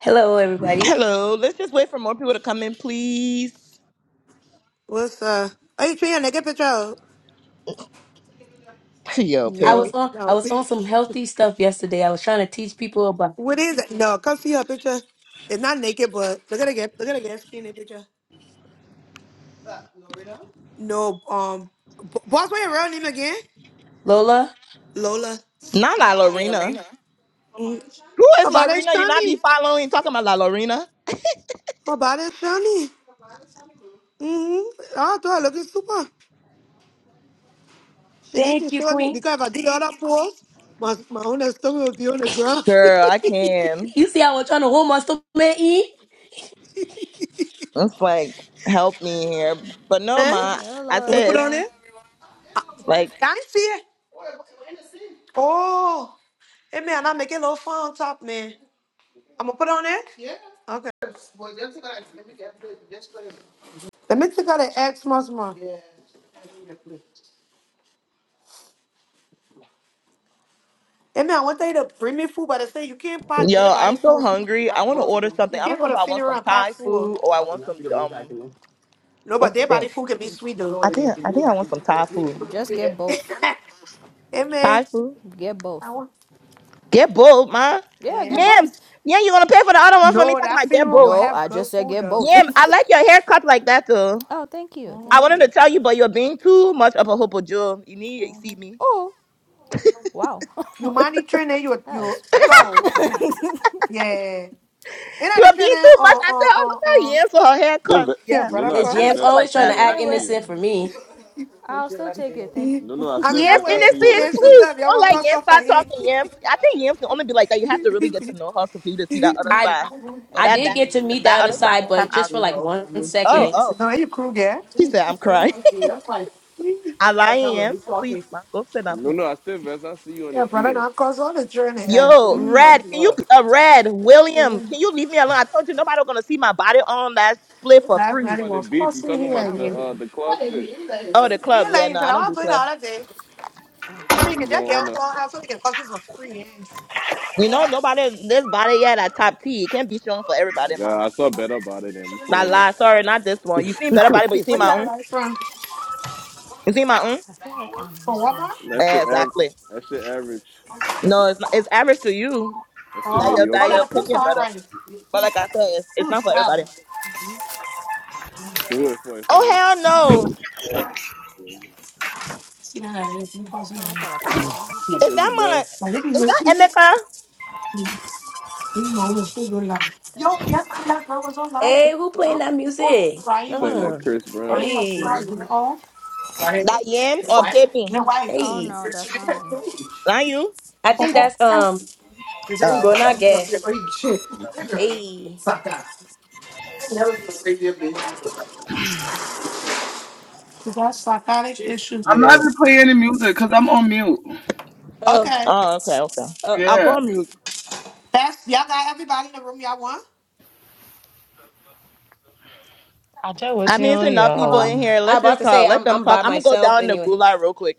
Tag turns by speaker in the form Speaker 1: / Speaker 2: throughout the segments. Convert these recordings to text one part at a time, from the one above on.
Speaker 1: Hello, everybody.
Speaker 2: Hello, let's just wait for more people to come in, please.
Speaker 3: What's uh? Are you trying to naked picture? out?
Speaker 2: Hey, Yo, pay
Speaker 1: I was
Speaker 3: No,
Speaker 2: me.
Speaker 1: on I
Speaker 3: no.
Speaker 1: was on some healthy stuff yesterday. I was trying to teach people about
Speaker 3: What is it? No, come see her picture. It's not naked, but look at again. Look at again. Skinny picture. No, um, b- boss, What's your real name again?
Speaker 1: Lola.
Speaker 3: Lola.
Speaker 2: Not La Lorena.
Speaker 3: Mhm.
Speaker 2: Who is
Speaker 3: About that
Speaker 2: Lorena? You not be
Speaker 3: shiny.
Speaker 2: following, talking about La Lorena?
Speaker 3: About that shiny. Mm-hmm. I thought looking super. She need
Speaker 1: Thank
Speaker 3: to
Speaker 1: you,
Speaker 3: show me
Speaker 1: Queen.
Speaker 3: because if I did all that pose, my my own stomach would be on the ground.
Speaker 2: Girl, I can.
Speaker 1: You see, I was trying to hold my stomach. in.
Speaker 2: It's like, help me here. But no,
Speaker 3: eh?
Speaker 2: ma, I
Speaker 4: Hello,
Speaker 3: Can we
Speaker 2: said,
Speaker 3: put
Speaker 2: it's
Speaker 3: on
Speaker 4: everyone.
Speaker 3: it? Ah,
Speaker 2: like,
Speaker 3: Can you see it? Oh, hey man, I make it a little fun on top, man. I'm gonna put it on there. Yeah. Okay. Let me take out the eggs, Musma. Yeah. Hey man, I want you to bring me food, but they say you can't pack dead
Speaker 2: yo, I'm
Speaker 3: body
Speaker 2: so
Speaker 3: food.
Speaker 2: hungry. I want to order
Speaker 3: You
Speaker 2: something. I don't
Speaker 3: can't
Speaker 2: know
Speaker 3: go
Speaker 2: if
Speaker 3: to
Speaker 2: I want
Speaker 3: funeral
Speaker 2: some
Speaker 3: and pack
Speaker 2: Thai
Speaker 3: food.
Speaker 2: food or I want some, um,
Speaker 3: No, but
Speaker 2: what's the
Speaker 3: dead
Speaker 2: thing?
Speaker 3: body food can be sweet though.
Speaker 2: I think, I think I want some Thai food.
Speaker 4: Just get
Speaker 3: hey
Speaker 4: both.
Speaker 3: man,
Speaker 2: Thai food?
Speaker 4: Get
Speaker 3: I
Speaker 4: both.
Speaker 3: want.
Speaker 2: Get both, ma.
Speaker 4: Yeah, get
Speaker 3: Yeah.
Speaker 4: both.
Speaker 2: Yams. Yeah, you're going to pay for the other one for me.
Speaker 3: No,
Speaker 2: Talking
Speaker 3: that
Speaker 2: about get
Speaker 3: funeral will
Speaker 2: both.
Speaker 4: No,
Speaker 3: have
Speaker 4: I
Speaker 3: good
Speaker 4: just said
Speaker 3: food
Speaker 4: get both.
Speaker 3: though.
Speaker 2: Yeah, I like your haircut like that though.
Speaker 4: oh, thank you.
Speaker 2: I
Speaker 4: Thank
Speaker 2: wanted to
Speaker 4: you.
Speaker 2: tell you, but you're being too much of a hopo Joe. You need to
Speaker 3: Mhm.
Speaker 2: see me.
Speaker 4: Oh, wow.
Speaker 3: You money training your
Speaker 4: That
Speaker 3: your
Speaker 4: is crazy.
Speaker 3: soul. Yeah. You
Speaker 2: She
Speaker 3: know the
Speaker 2: was being
Speaker 3: training
Speaker 2: too much.
Speaker 3: on
Speaker 2: I said,
Speaker 3: on
Speaker 2: oh look
Speaker 3: on
Speaker 2: how
Speaker 3: on
Speaker 2: Yams for her
Speaker 5: Still
Speaker 2: haircut.
Speaker 5: ve-
Speaker 3: here,
Speaker 2: Yeah,
Speaker 5: no, no,
Speaker 3: brother
Speaker 2: mm,
Speaker 5: I
Speaker 1: It's
Speaker 2: I
Speaker 5: still
Speaker 2: like
Speaker 1: Jam's
Speaker 3: cause.
Speaker 2: it
Speaker 5: vest. I
Speaker 1: always
Speaker 2: like
Speaker 5: see
Speaker 1: trying
Speaker 2: that.
Speaker 5: you
Speaker 1: to
Speaker 5: on the
Speaker 1: act
Speaker 2: Nothing
Speaker 4: anyway,
Speaker 2: special.
Speaker 5: field.
Speaker 1: innocent for me.
Speaker 4: I'll still take it. Thank you.
Speaker 5: No, no, I
Speaker 3: I'm
Speaker 5: still
Speaker 3: here
Speaker 2: Yams
Speaker 5: vest. I
Speaker 3: with
Speaker 5: see you
Speaker 3: food
Speaker 5: on the
Speaker 2: innocent,
Speaker 3: man
Speaker 5: field.
Speaker 3: sister.
Speaker 2: please
Speaker 3: If y'all
Speaker 2: don't
Speaker 3: want
Speaker 2: let
Speaker 3: come
Speaker 2: Yams
Speaker 3: stuff for
Speaker 2: start
Speaker 3: here.
Speaker 2: talking. Yams, I think Yams can only be like that. You have to really get to know her to for you to see that other
Speaker 1: I
Speaker 2: side. But
Speaker 1: I
Speaker 2: that
Speaker 4: Eh,
Speaker 1: did
Speaker 2: that
Speaker 1: get to meet the
Speaker 2: that
Speaker 1: other
Speaker 2: other side
Speaker 1: side,
Speaker 2: can
Speaker 1: but
Speaker 2: come
Speaker 1: just
Speaker 2: out.
Speaker 1: for like one
Speaker 2: Oh
Speaker 1: second.
Speaker 2: oh,
Speaker 3: no, you crew yeah.
Speaker 2: she said I'm crying. I'm lying, Yams. Please, man, go sit down,
Speaker 5: No,
Speaker 2: please.
Speaker 5: no, I still vest. I see you on the
Speaker 3: Yeah, brother,
Speaker 5: field.
Speaker 3: now cause all the journey and
Speaker 2: Yo, Red, can you, uh, Red, William, can you leave me alone? I told you nobody was gonna see my body on that split for
Speaker 5: We ain't
Speaker 3: life
Speaker 5: talking
Speaker 2: free.
Speaker 3: not
Speaker 5: about the
Speaker 3: even
Speaker 5: beach. We
Speaker 3: crossing
Speaker 5: talking
Speaker 3: here
Speaker 5: about
Speaker 4: Not
Speaker 5: the
Speaker 3: again.
Speaker 5: uh
Speaker 4: William.
Speaker 5: the club shit. We
Speaker 3: You like you
Speaker 2: Oh, the club.
Speaker 3: I
Speaker 2: Yeah, no, I don't
Speaker 3: want
Speaker 2: do
Speaker 3: to know
Speaker 2: club.
Speaker 3: all day.
Speaker 5: had a
Speaker 4: Ah,
Speaker 5: little
Speaker 3: I
Speaker 4: oh,
Speaker 3: said you
Speaker 5: party
Speaker 3: can
Speaker 5: joint
Speaker 4: fucking
Speaker 3: jack it on
Speaker 5: on
Speaker 4: fuck.
Speaker 5: the.
Speaker 3: Clubhouse. I think it costs you for free.
Speaker 2: You know,
Speaker 3: Yeah.
Speaker 2: nobody, this body yet at top T. It can't be shown for
Speaker 5: Oh my
Speaker 2: everybody, man.
Speaker 5: god, I saw better about it than
Speaker 2: La
Speaker 3: Yeah.
Speaker 5: framing.
Speaker 2: la, sorry, not this one. You seen better body,
Speaker 5: that
Speaker 2: but you seen
Speaker 3: Where you
Speaker 2: my
Speaker 3: got it
Speaker 2: own.
Speaker 3: right from?
Speaker 2: You seen my own?
Speaker 4: I feel like I'm
Speaker 3: From
Speaker 4: missing
Speaker 3: Walmart?
Speaker 2: Yeah,
Speaker 5: shit
Speaker 4: shit.
Speaker 5: average.
Speaker 2: exactly.
Speaker 5: That shit average.
Speaker 2: No, it's not, it's average to you.
Speaker 5: That shit
Speaker 2: That
Speaker 3: Oh,
Speaker 2: your, that
Speaker 3: oh,
Speaker 2: your
Speaker 3: that
Speaker 5: mediocre.
Speaker 3: the post
Speaker 2: opinion
Speaker 3: all
Speaker 2: better.
Speaker 3: right.
Speaker 2: But like I said, it's, it's not for
Speaker 3: Wow.
Speaker 2: everybody.
Speaker 5: So who it for? It for
Speaker 2: Oh,
Speaker 5: me?
Speaker 2: hell no.
Speaker 3: See now that? It's new post.
Speaker 4: Oh,
Speaker 3: Yeah.
Speaker 4: I thought I picked the wrong
Speaker 5: Playing that
Speaker 2: Is
Speaker 4: receipt.
Speaker 5: Chris
Speaker 2: that my,
Speaker 5: Brown.
Speaker 3: Like if you
Speaker 2: is
Speaker 3: look,
Speaker 2: that
Speaker 3: this
Speaker 2: Emeka?
Speaker 3: is my little food good. like. Yo, yes, I got girl was online.
Speaker 1: Hey, who playing
Speaker 3: I'm
Speaker 1: that
Speaker 3: oh,
Speaker 1: music?
Speaker 5: I'm
Speaker 3: Ryan was
Speaker 5: playing
Speaker 3: on.
Speaker 5: that
Speaker 1: Uh,
Speaker 5: Chris Brown.
Speaker 3: Ryan was
Speaker 1: hey,
Speaker 3: Ryan. Oh, Ryan.
Speaker 2: That yams or
Speaker 3: What?
Speaker 2: baby?
Speaker 3: No wife.
Speaker 4: Oh
Speaker 1: hey.
Speaker 4: no, that's not me.
Speaker 2: Not you?
Speaker 1: I think
Speaker 3: Oh,
Speaker 1: that's um
Speaker 2: Oh, okay.
Speaker 1: Gronage.
Speaker 3: shit.
Speaker 1: Hey.
Speaker 3: Sucker. Is that psychotic issues?
Speaker 6: I'm
Speaker 3: Yeah.
Speaker 6: not even playing any music because I'm on mute.
Speaker 1: Oh,
Speaker 3: Okay.
Speaker 2: Oh, okay, okay.
Speaker 1: oh.
Speaker 2: I'll go
Speaker 6: Yeah.
Speaker 2: on mute.
Speaker 3: That's y'all got everybody in the room. Y'all want?
Speaker 7: I tell what
Speaker 2: I
Speaker 7: you
Speaker 2: mean, it's
Speaker 7: on
Speaker 2: enough people
Speaker 3: Hello?
Speaker 2: in
Speaker 7: y'all.
Speaker 2: here.
Speaker 1: I
Speaker 2: Let's
Speaker 1: about
Speaker 2: just
Speaker 1: to say
Speaker 2: talk. Let
Speaker 1: I'm
Speaker 2: them
Speaker 1: I'm
Speaker 2: talk.
Speaker 1: by
Speaker 2: I'm gonna go
Speaker 1: myself
Speaker 2: down the
Speaker 1: anyway.
Speaker 2: gulag real quick.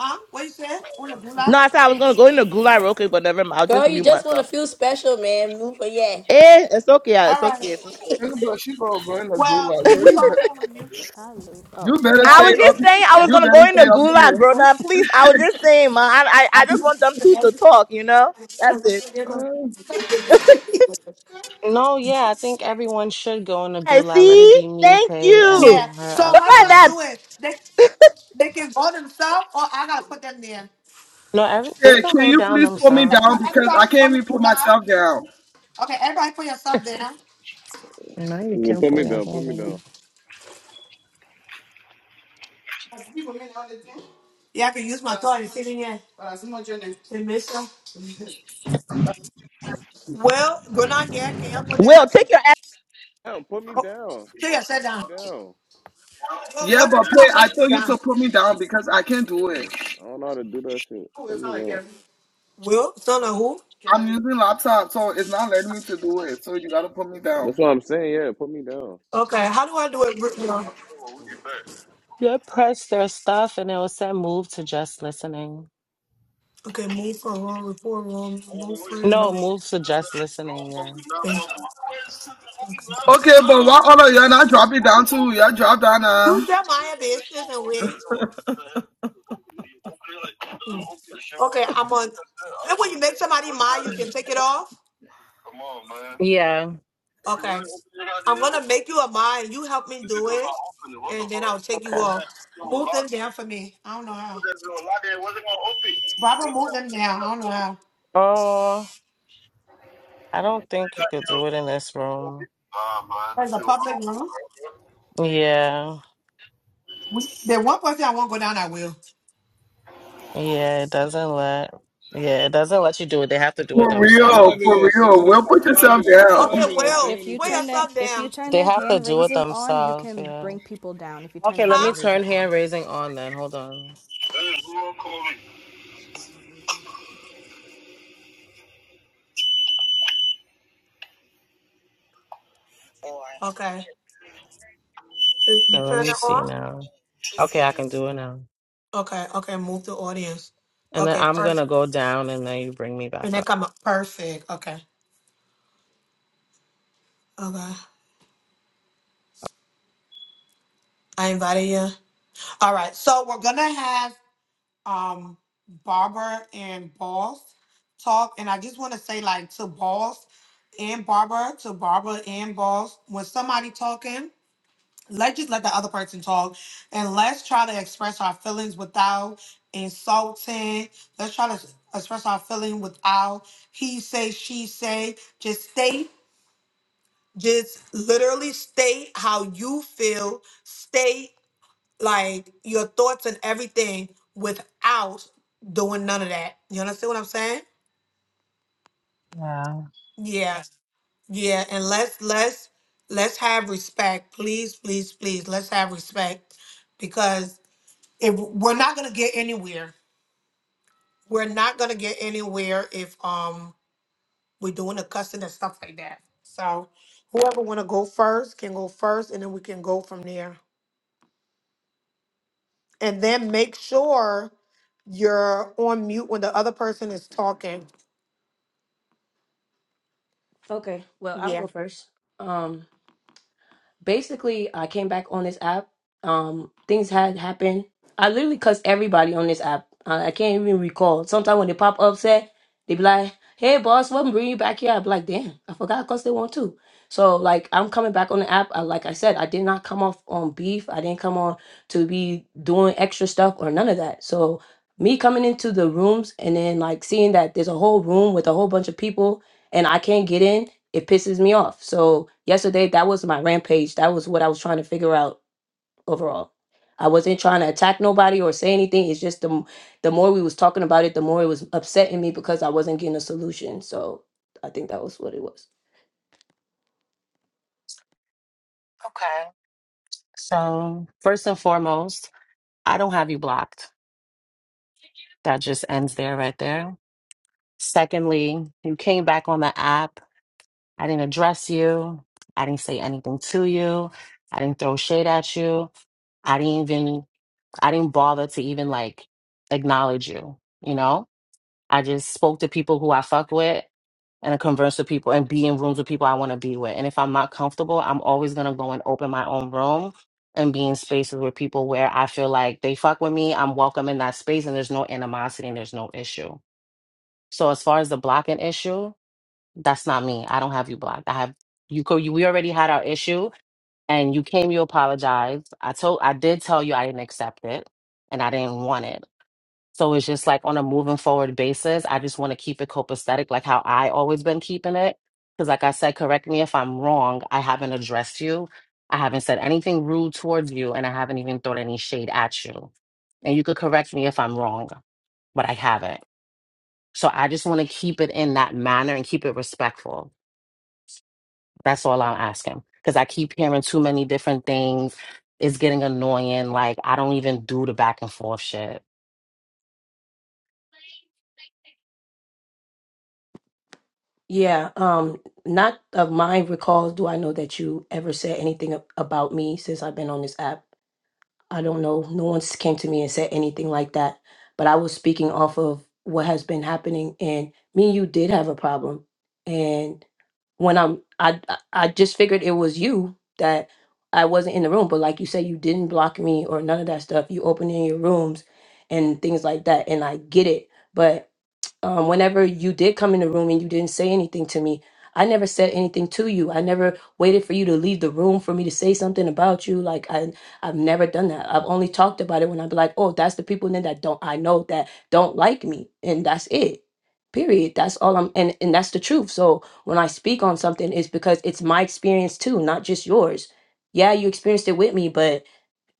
Speaker 3: Huh? What you said? On the blue line?
Speaker 2: No, I said I was gonna go in the gulag real quick, but never mind. I'll just
Speaker 1: Girl, you
Speaker 2: mute
Speaker 1: just want to
Speaker 2: myself.
Speaker 1: feel special, man. Move for yeah.
Speaker 2: Eh, it's okay.
Speaker 3: All
Speaker 2: It's okay.
Speaker 3: right.
Speaker 2: It's okay.
Speaker 6: Think she gonna go in the
Speaker 3: Well,
Speaker 6: gulag,
Speaker 3: can
Speaker 6: girl.
Speaker 3: we
Speaker 6: You
Speaker 3: all
Speaker 6: better,
Speaker 3: go on mute?
Speaker 4: Did I lose? Oh
Speaker 6: you better
Speaker 4: yeah,
Speaker 3: Yeah,
Speaker 2: I
Speaker 6: stay
Speaker 2: was
Speaker 3: I think.
Speaker 6: up.
Speaker 2: just
Speaker 4: shit.
Speaker 2: saying I was
Speaker 6: You
Speaker 2: gonna
Speaker 6: better
Speaker 2: go in the
Speaker 6: stay up
Speaker 2: gulag,
Speaker 6: here.
Speaker 2: bro. Now, please. I was just saying, man. I, I, I
Speaker 3: I
Speaker 2: just want them two to
Speaker 3: do.
Speaker 2: talk. You know, that's it.
Speaker 6: Yeah.
Speaker 7: No, yeah, I think everyone should go in the
Speaker 2: Hey,
Speaker 7: gulag. Let it
Speaker 2: see,
Speaker 7: be me,
Speaker 2: thank
Speaker 7: Pay,
Speaker 2: you.
Speaker 3: Yeah.
Speaker 7: and her
Speaker 3: So
Speaker 7: up
Speaker 2: Look
Speaker 3: how do
Speaker 2: at
Speaker 3: I
Speaker 7: here.
Speaker 2: that.
Speaker 3: do it? They they can vote themselves, or I gotta put them there.
Speaker 7: No, every, they
Speaker 6: Shit,
Speaker 7: can
Speaker 6: can
Speaker 7: go
Speaker 6: you
Speaker 7: down
Speaker 6: please put me
Speaker 3: Okay. So
Speaker 6: down
Speaker 7: themselves.
Speaker 6: because
Speaker 3: everybody
Speaker 6: I
Speaker 3: go
Speaker 6: can't
Speaker 3: on the
Speaker 6: even put
Speaker 3: blue line.
Speaker 6: myself down.
Speaker 3: Okay. Everybody put yourself there.
Speaker 7: No, you
Speaker 5: You gonna
Speaker 7: can't
Speaker 5: Put
Speaker 7: put
Speaker 5: me
Speaker 7: that
Speaker 5: down. Put me down.
Speaker 7: on.
Speaker 3: Yeah, I can use my toy. Sitting here. Permission. Well, good night, yeah, can you with down?
Speaker 2: Will, take your. ass.
Speaker 5: Damn, put me
Speaker 3: Oh,
Speaker 5: down.
Speaker 3: see, I sat
Speaker 5: Put me
Speaker 3: down.
Speaker 5: down.
Speaker 3: Well,
Speaker 6: Yeah,
Speaker 3: go to
Speaker 6: but
Speaker 3: the
Speaker 6: pay,
Speaker 3: stop,
Speaker 6: I
Speaker 3: please,
Speaker 6: tell you to
Speaker 3: down.
Speaker 6: put me down because I
Speaker 5: I'm
Speaker 6: can't do it.
Speaker 5: saying. I don't know how to do that shit. Put
Speaker 3: Well,
Speaker 5: me down.
Speaker 3: son of who?
Speaker 6: I'm
Speaker 3: Kevin.
Speaker 6: using laptop, so it's not letting me to do it. So you gotta put me down.
Speaker 5: That's what I'm saying. Yeah, put me down.
Speaker 3: Okay, how do I do it? Re- no.
Speaker 7: Yeah, press their stuff and it will say move to just listening.
Speaker 3: Okay, move for wrong, report wrong, move for
Speaker 7: No,
Speaker 3: nothing.
Speaker 7: move to just listening, yeah.
Speaker 3: Okay.
Speaker 6: Okay, but why all of y'all not drop it down too? Y'all drop down
Speaker 3: You
Speaker 6: now.
Speaker 3: tell my business and we. Hmm. Okay, I'm on. And when you make somebody mine, you can take it off.
Speaker 7: Yeah.
Speaker 3: Okay, I'm gonna make you a mine. You help me do it, and then I'll take you
Speaker 7: Okay.
Speaker 3: off. Move them down for me. I don't know how. Robert, move them down. I don't know how.
Speaker 7: Oh, I don't think you could do it in this room.
Speaker 3: That's a public room.
Speaker 7: Yeah.
Speaker 3: The one person I won't go down, I will.
Speaker 7: Yeah, it doesn't let yeah, it doesn't let you do it. They have to do it
Speaker 6: For
Speaker 5: I'm
Speaker 6: real,
Speaker 5: not
Speaker 7: themselves.
Speaker 5: even
Speaker 6: for
Speaker 5: gonna say
Speaker 6: real. Will
Speaker 5: anything.
Speaker 6: put
Speaker 5: I'm not
Speaker 6: yourself
Speaker 5: even. Gonna, I'm not
Speaker 6: down.
Speaker 3: Okay,
Speaker 5: even gonna
Speaker 4: Now,
Speaker 3: well,
Speaker 5: say
Speaker 4: if you
Speaker 3: put
Speaker 5: anything.
Speaker 4: turn the
Speaker 3: yourself
Speaker 4: if you
Speaker 3: down.
Speaker 4: turn
Speaker 7: They
Speaker 4: the
Speaker 7: have to
Speaker 4: hand
Speaker 7: do it
Speaker 4: raising on, you
Speaker 7: themselves,
Speaker 4: can
Speaker 7: yeah.
Speaker 4: bring people down. If you turn
Speaker 7: Okay,
Speaker 4: the
Speaker 7: let me
Speaker 3: Huh?
Speaker 4: hand raising
Speaker 7: turn
Speaker 4: on.
Speaker 7: hand raising on then. Hold on.
Speaker 3: Okay. Is-
Speaker 7: Okay,
Speaker 3: You
Speaker 7: let
Speaker 3: turn it
Speaker 7: me see
Speaker 3: on?
Speaker 7: now. Okay, I can do it now.
Speaker 3: Okay, okay, move the audience.
Speaker 7: And then
Speaker 3: Okay,
Speaker 7: I'm
Speaker 3: first.
Speaker 7: gonna go down and then you bring me back
Speaker 3: And
Speaker 7: up.
Speaker 3: then come up. Perfect. Okay. Okay. I invited you. All right. So we're gonna have um Barbara and Boss talk, and I just want to say like to Boss and Barbara, to Barbara and Boss, when somebody talking. let's just let the other person talk and let's try to express our feelings without insulting let's try to express our feeling without he say she say just state just literally state how you feel state like your thoughts and everything without doing none of that you understand what i'm saying
Speaker 7: Yeah.
Speaker 3: yeah yeah and let's let's let's have respect please please please let's have respect because if we're not gonna get anywhere. We're not gonna get anywhere if um we're doing the cussing and stuff like that. So whoever wanna go first can go first and then we can go from there. And then make sure you're on mute when the other person is talking.
Speaker 1: Okay, well, I'll
Speaker 3: Yeah.
Speaker 1: go first. Um, basically I came back on this app. Um, things had happened. I literally cussed everybody on this app. I, I can't even recall. Sometimes when they pop up, say they be like, "Hey, boss, what bring you back here?" I be like, "Damn, I forgot I cussed they want too." So like, I'm coming back on the app. I, like I said, I did not come off on beef. I didn't come on to be doing extra stuff or none of that. So me coming into the rooms and then like seeing that there's a whole room with a whole bunch of people and I can't get in it pisses me off. So yesterday, that was my rampage. That was what I was trying to figure out overall. I wasn't trying to attack nobody or say anything. It's just the m- the more we was talking about it, the more it was upsetting me because I wasn't getting a solution. So I think that was what it was.
Speaker 7: Okay. So first and foremost, I don't have you blocked. That just ends there right there. Secondly, you came back on the app. I didn't address you. I didn't say anything to you. I didn't throw shade at you. I didn't even I didn't bother to even like acknowledge you, you know? I just spoke to people who I fuck with and I converse with people and be in rooms with people I want to be with. And if I'm not comfortable, I'm always going to go and open my own room and be in spaces with people where I feel like they fuck with me. I'm welcome in that space and there's no animosity and there's no issue. So as far as the blocking issue, that's not me. I don't have you blocked. I have you co you we already had our issue and you came you apologized. I told I did tell you I didn't accept it and I didn't want it. So it's just like on a moving forward basis, I just want to keep it copacetic, like how I always been keeping it. Because, like I said, correct me if I'm wrong, I haven't addressed you. I haven't said anything rude towards you, and I haven't even thrown any shade at you. And you could correct me if I'm wrong, but I haven't. So I just want to keep it in that manner and keep it respectful. That's all I'm asking. Because I keep hearing too many different things. It's getting annoying. Like, I don't even do the back and forth shit.
Speaker 1: Yeah. Um. Not of my recalls do I know that you ever said anything ab- about me since I've been on this app. I don't know. No one's came to me and said anything like that. But I was speaking off of what has been happening, and me and you did have a problem, and when I'm I I I just figured it was you that I wasn't in the room, but like you said, you didn't block me or none of that stuff. You opened in your rooms and things like that, and I get it. But um, whenever you did come in the room and you didn't say anything to me, I never said anything to you. I never waited for you to leave the room for me to say something about you. Like I, I've never done that. I've only talked about it when I'm like, oh, that's the people then that don't I know that don't like me, and that's it period that's all i'm and, and that's the truth so when i speak on something it's because it's my experience too not just yours yeah you experienced it with me but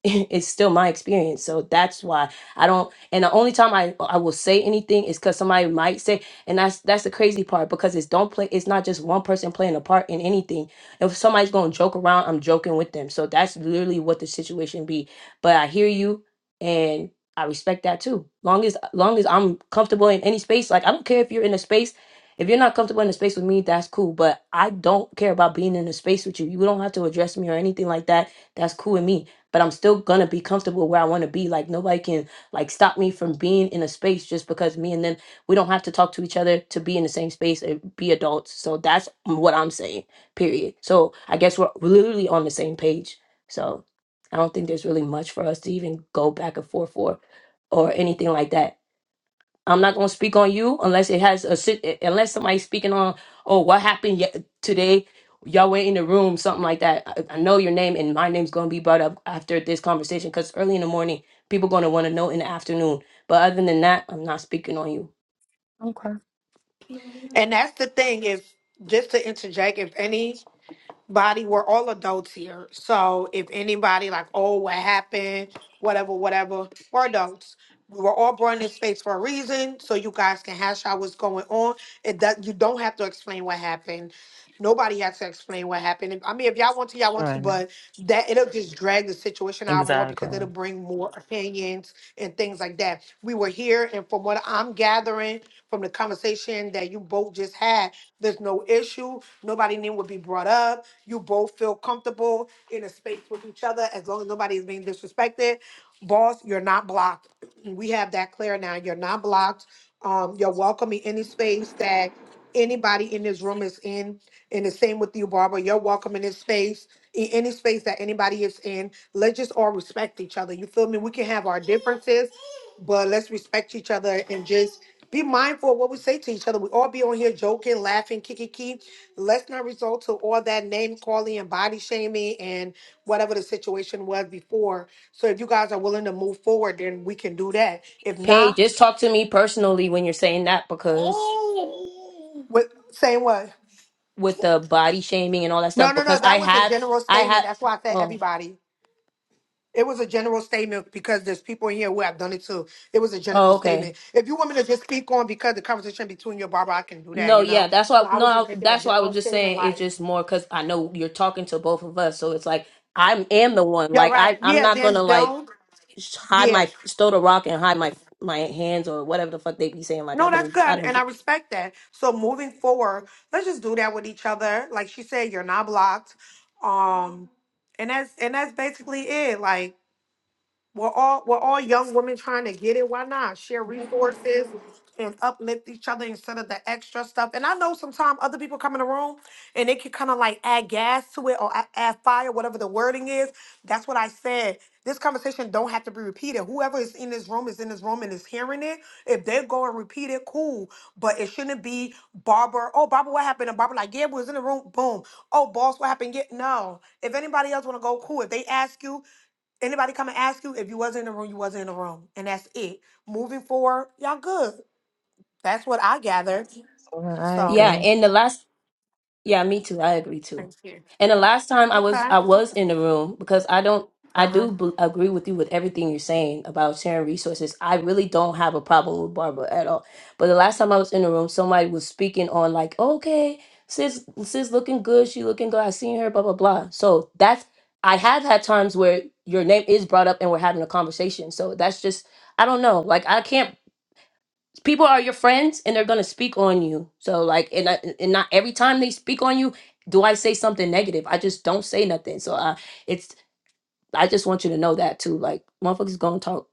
Speaker 1: it's still my experience. So that's why I don't. And the only time I I will say anything is because somebody might say, and that's that's the crazy part because it's don't play. It's not just one person playing a part in anything. If somebody's gonna joke around, I'm joking with them. So that's literally what the situation be. But I hear you, and I respect that too. Long as long as I'm comfortable in any space, like I don't care if you're in a space. If you're not comfortable in a space with me, that's cool. But I don't care about being in a space with you. You don't have to address me or anything like that. That's cool with me but I'm still gonna be comfortable where I wanna be. Like nobody can like stop me from being in a space just because me and them we don't have to talk to each other to be in the same space and be adults. So that's what I'm saying, period. So I guess we're literally on the same page. So I don't think there's really much for us to even go back and forth for or anything like that I'm not going to speak on you unless it has a sit- unless somebody's speaking on oh what happened ye- today y'all were in the room something like that. I, I know your name and my name's going to be brought up after this conversation because early in the morning people going to want to know in the afternoon. But other than that, I'm not speaking on you.
Speaker 7: Okay.
Speaker 3: And that's the thing, if just to interject, if any body we're all adults here so if anybody like oh what happened whatever whatever we're adults we were all brought in this space for a reason so you guys can hash out what's going on it does you don't have to explain what happened nobody has to explain what happened i mean if y'all want to y'all want to
Speaker 7: Right.
Speaker 3: but that it'll just drag the situation out more because it'll
Speaker 7: Exactly.
Speaker 3: bring more opinions and things like that we were here and from what i'm gathering from the conversation that you both just had there's no issue. Nobody name would be brought up you both feel comfortable in a space with each other as long as nobody is being disrespected. Boss, you're not blocked. We have that clear now. You're not blocked. Um, you're welcome in any space that anybody in this room is in. And the same with you, Barbara. You're welcome in this space, in any space that anybody is in. Let's just all respect each other. You feel me? We can have our differences, but let's respect each other and just be mindful of what we say to each other. We all be on here joking, laughing, kiki let's not resort to all that name calling and body shaming and whatever the situation was before. So if you guys are willing to move forward, then we can do that. If
Speaker 1: Paige,
Speaker 3: not,
Speaker 1: just talk to me personally when you're saying that because
Speaker 3: with saying what?
Speaker 1: with the body shaming and all that
Speaker 3: No,
Speaker 1: stuff
Speaker 3: no, no.
Speaker 1: because I
Speaker 3: That was a
Speaker 1: have
Speaker 3: general
Speaker 1: I
Speaker 3: statement.
Speaker 1: have
Speaker 3: That's why I said
Speaker 1: oh
Speaker 3: everybody. It was a general statement because there's people in here who have done it too. It was a general
Speaker 1: oh okay
Speaker 3: statement. If you want me to just speak on because the conversation between you and Barbara, I can do that,
Speaker 1: No,
Speaker 3: you
Speaker 1: yeah,
Speaker 3: know?
Speaker 1: that's why.
Speaker 3: But I was just
Speaker 1: No,
Speaker 3: making a
Speaker 1: that's why I was
Speaker 3: general
Speaker 1: just
Speaker 3: statement
Speaker 1: saying it's
Speaker 3: like,
Speaker 1: just more because I know you're talking to both of us, so it's like I am the one.
Speaker 3: yeah,
Speaker 1: Like I,
Speaker 3: right.
Speaker 1: I'm
Speaker 3: Yeah,
Speaker 1: not
Speaker 3: then
Speaker 1: gonna like
Speaker 3: don't.
Speaker 1: sh- hide
Speaker 3: Yeah,
Speaker 1: my stow the rock and hide my my hands or whatever the fuck they be saying. Like I
Speaker 3: No, that's
Speaker 1: don't,
Speaker 3: good,
Speaker 1: I
Speaker 3: and and
Speaker 1: don't.
Speaker 3: I respect that. So moving forward, let's just do that with each other. Like she said, you're not blocked, um, and that's and that's basically it. Like we're all we're all young women trying to get it. Why not share resources and uplift each other instead of the extra stuff? And I know sometimes other people come in the room and they can kind of like add gas to it or a- add fire, whatever the wording is. That's what I said. This conversation don't have to be repeated. Whoever is in this room is in this room and is hearing it. If they go and repeat it, cool. But it shouldn't be Barbara. Oh, Barbara, what happened? And Barbara like, yeah, we was in the room. Boom. Oh, boss, what happened? Get no. If anybody else want to go, cool. If they ask you, Anybody come and ask you if you wasn't in the room, you wasn't in the room, and that's it. Moving forward, y'all good. That's what I gathered.
Speaker 7: Uh, I
Speaker 3: So
Speaker 1: Yeah,
Speaker 7: agree.
Speaker 1: and the last Yeah, me too. I agree too.
Speaker 3: thank you.
Speaker 1: And the last time I was
Speaker 3: Okay.
Speaker 1: I was in the room because I don't I
Speaker 3: Uh-huh.
Speaker 1: do b- agree with you with everything you're saying about sharing resources. I really don't have a problem with Barbara at all. But the last time I was in the room, somebody was speaking on like, okay, sis, sis looking good. She looking good. I seen her. Blah blah blah. So that's I have had times where your name is brought up and we're having a conversation. So that's just I don't know. Like I can't people are your friends and they're going to speak on you so like and, I, and not every time they speak on you do i say something negative i just don't say nothing so i it's i just want you to know that too like motherfuckers gonna talk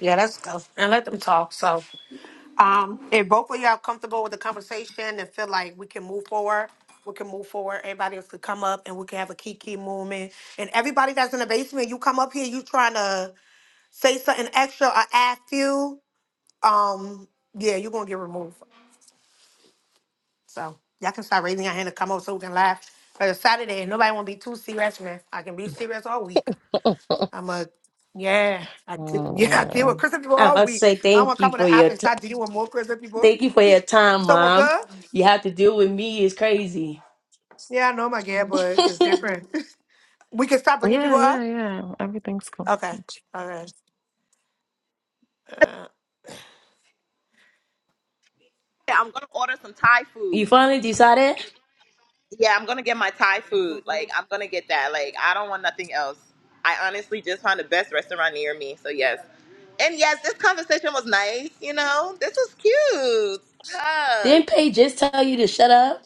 Speaker 3: Yeah, let's go and let them talk. So, um, if both of y'all comfortable with the conversation and feel like we can move forward, we can move forward. Everybody else could come up and we can have a kiki movement. And everybody that's in the basement, you come up here, you trying to say something extra or ask you, um, yeah, you're gonna get removed. So y'all can start raising your hand and come over so we can laugh. But it's Saturday and nobody won't be too serious, man. I can be serious all week. I'm a yeah, I d-
Speaker 1: i
Speaker 3: yeah, I deal with
Speaker 7: Mm,
Speaker 3: Christian people
Speaker 1: have
Speaker 3: all
Speaker 1: to
Speaker 3: week.
Speaker 1: say
Speaker 3: I'm gonna
Speaker 1: thank you
Speaker 3: come on
Speaker 1: for
Speaker 3: the app
Speaker 1: your
Speaker 3: and
Speaker 1: t-
Speaker 3: start dealing with more Christian people.
Speaker 1: thank you for your time
Speaker 3: So we're
Speaker 1: mom
Speaker 3: good?
Speaker 1: you have to deal with me it's crazy
Speaker 3: Yeah, I know my guy, but it's different. we can start bringing
Speaker 7: yeah,
Speaker 3: people up?
Speaker 7: yeah, yeah. Everything's cool.
Speaker 3: Okay. All right. Uh,
Speaker 2: I'm gonna order some Thai
Speaker 1: you
Speaker 2: food.
Speaker 1: finally decided
Speaker 2: Yeah, I'm gonna get my Thai food. Like, I'm gonna get that. Like, I don't want nothing else. I honestly just found the best restaurant near me. So yes, and yes, this conversation was nice. You know, this was cute. Hug.
Speaker 1: didn't Paige just tell you to shut up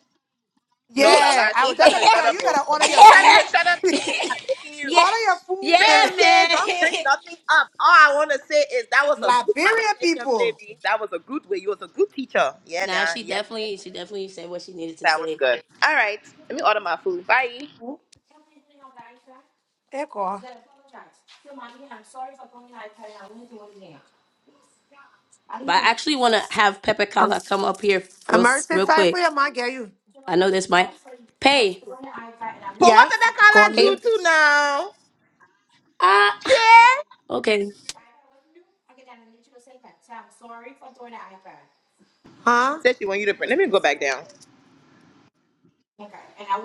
Speaker 2: No, not
Speaker 3: yeah,
Speaker 2: lie.
Speaker 3: I
Speaker 2: She
Speaker 3: was
Speaker 2: ain't tell
Speaker 3: just
Speaker 2: me
Speaker 3: gonna
Speaker 2: to
Speaker 3: be
Speaker 2: shut
Speaker 3: telling you
Speaker 2: up,
Speaker 3: you
Speaker 2: bro.
Speaker 3: better order
Speaker 2: She
Speaker 3: your
Speaker 2: ain't tell me
Speaker 3: food.
Speaker 2: to shut up. Nothing. I'm
Speaker 3: order
Speaker 2: begging you.
Speaker 1: yeah
Speaker 3: your food
Speaker 1: yeah
Speaker 3: and
Speaker 1: man
Speaker 2: Listen, don't bring nothing up. All I want to say is that was a good
Speaker 3: Liberian
Speaker 2: conversation,
Speaker 3: people.
Speaker 2: baby. That was a good way. You was a good teacher. Yeah,
Speaker 1: Nah,
Speaker 2: nah.
Speaker 1: she
Speaker 2: Yeah, man.
Speaker 1: definitely she definitely said what she needed to
Speaker 2: That was
Speaker 1: say.
Speaker 2: good. All right. Let me order my food. Bye.
Speaker 3: Echo.
Speaker 1: But I actually want to have Pepe Kala come up here real
Speaker 3: Emergency
Speaker 1: real
Speaker 3: side for
Speaker 1: quick.
Speaker 3: your mom get you.
Speaker 1: I know this might pay.
Speaker 2: But what did
Speaker 3: Yes. Go
Speaker 2: that girl
Speaker 3: on
Speaker 1: Can
Speaker 2: do
Speaker 3: mute.
Speaker 1: you?
Speaker 2: to now?
Speaker 1: Ah,
Speaker 2: Che?
Speaker 1: okay.
Speaker 2: She
Speaker 3: Huh?
Speaker 2: said she want you to print. Let me go back down.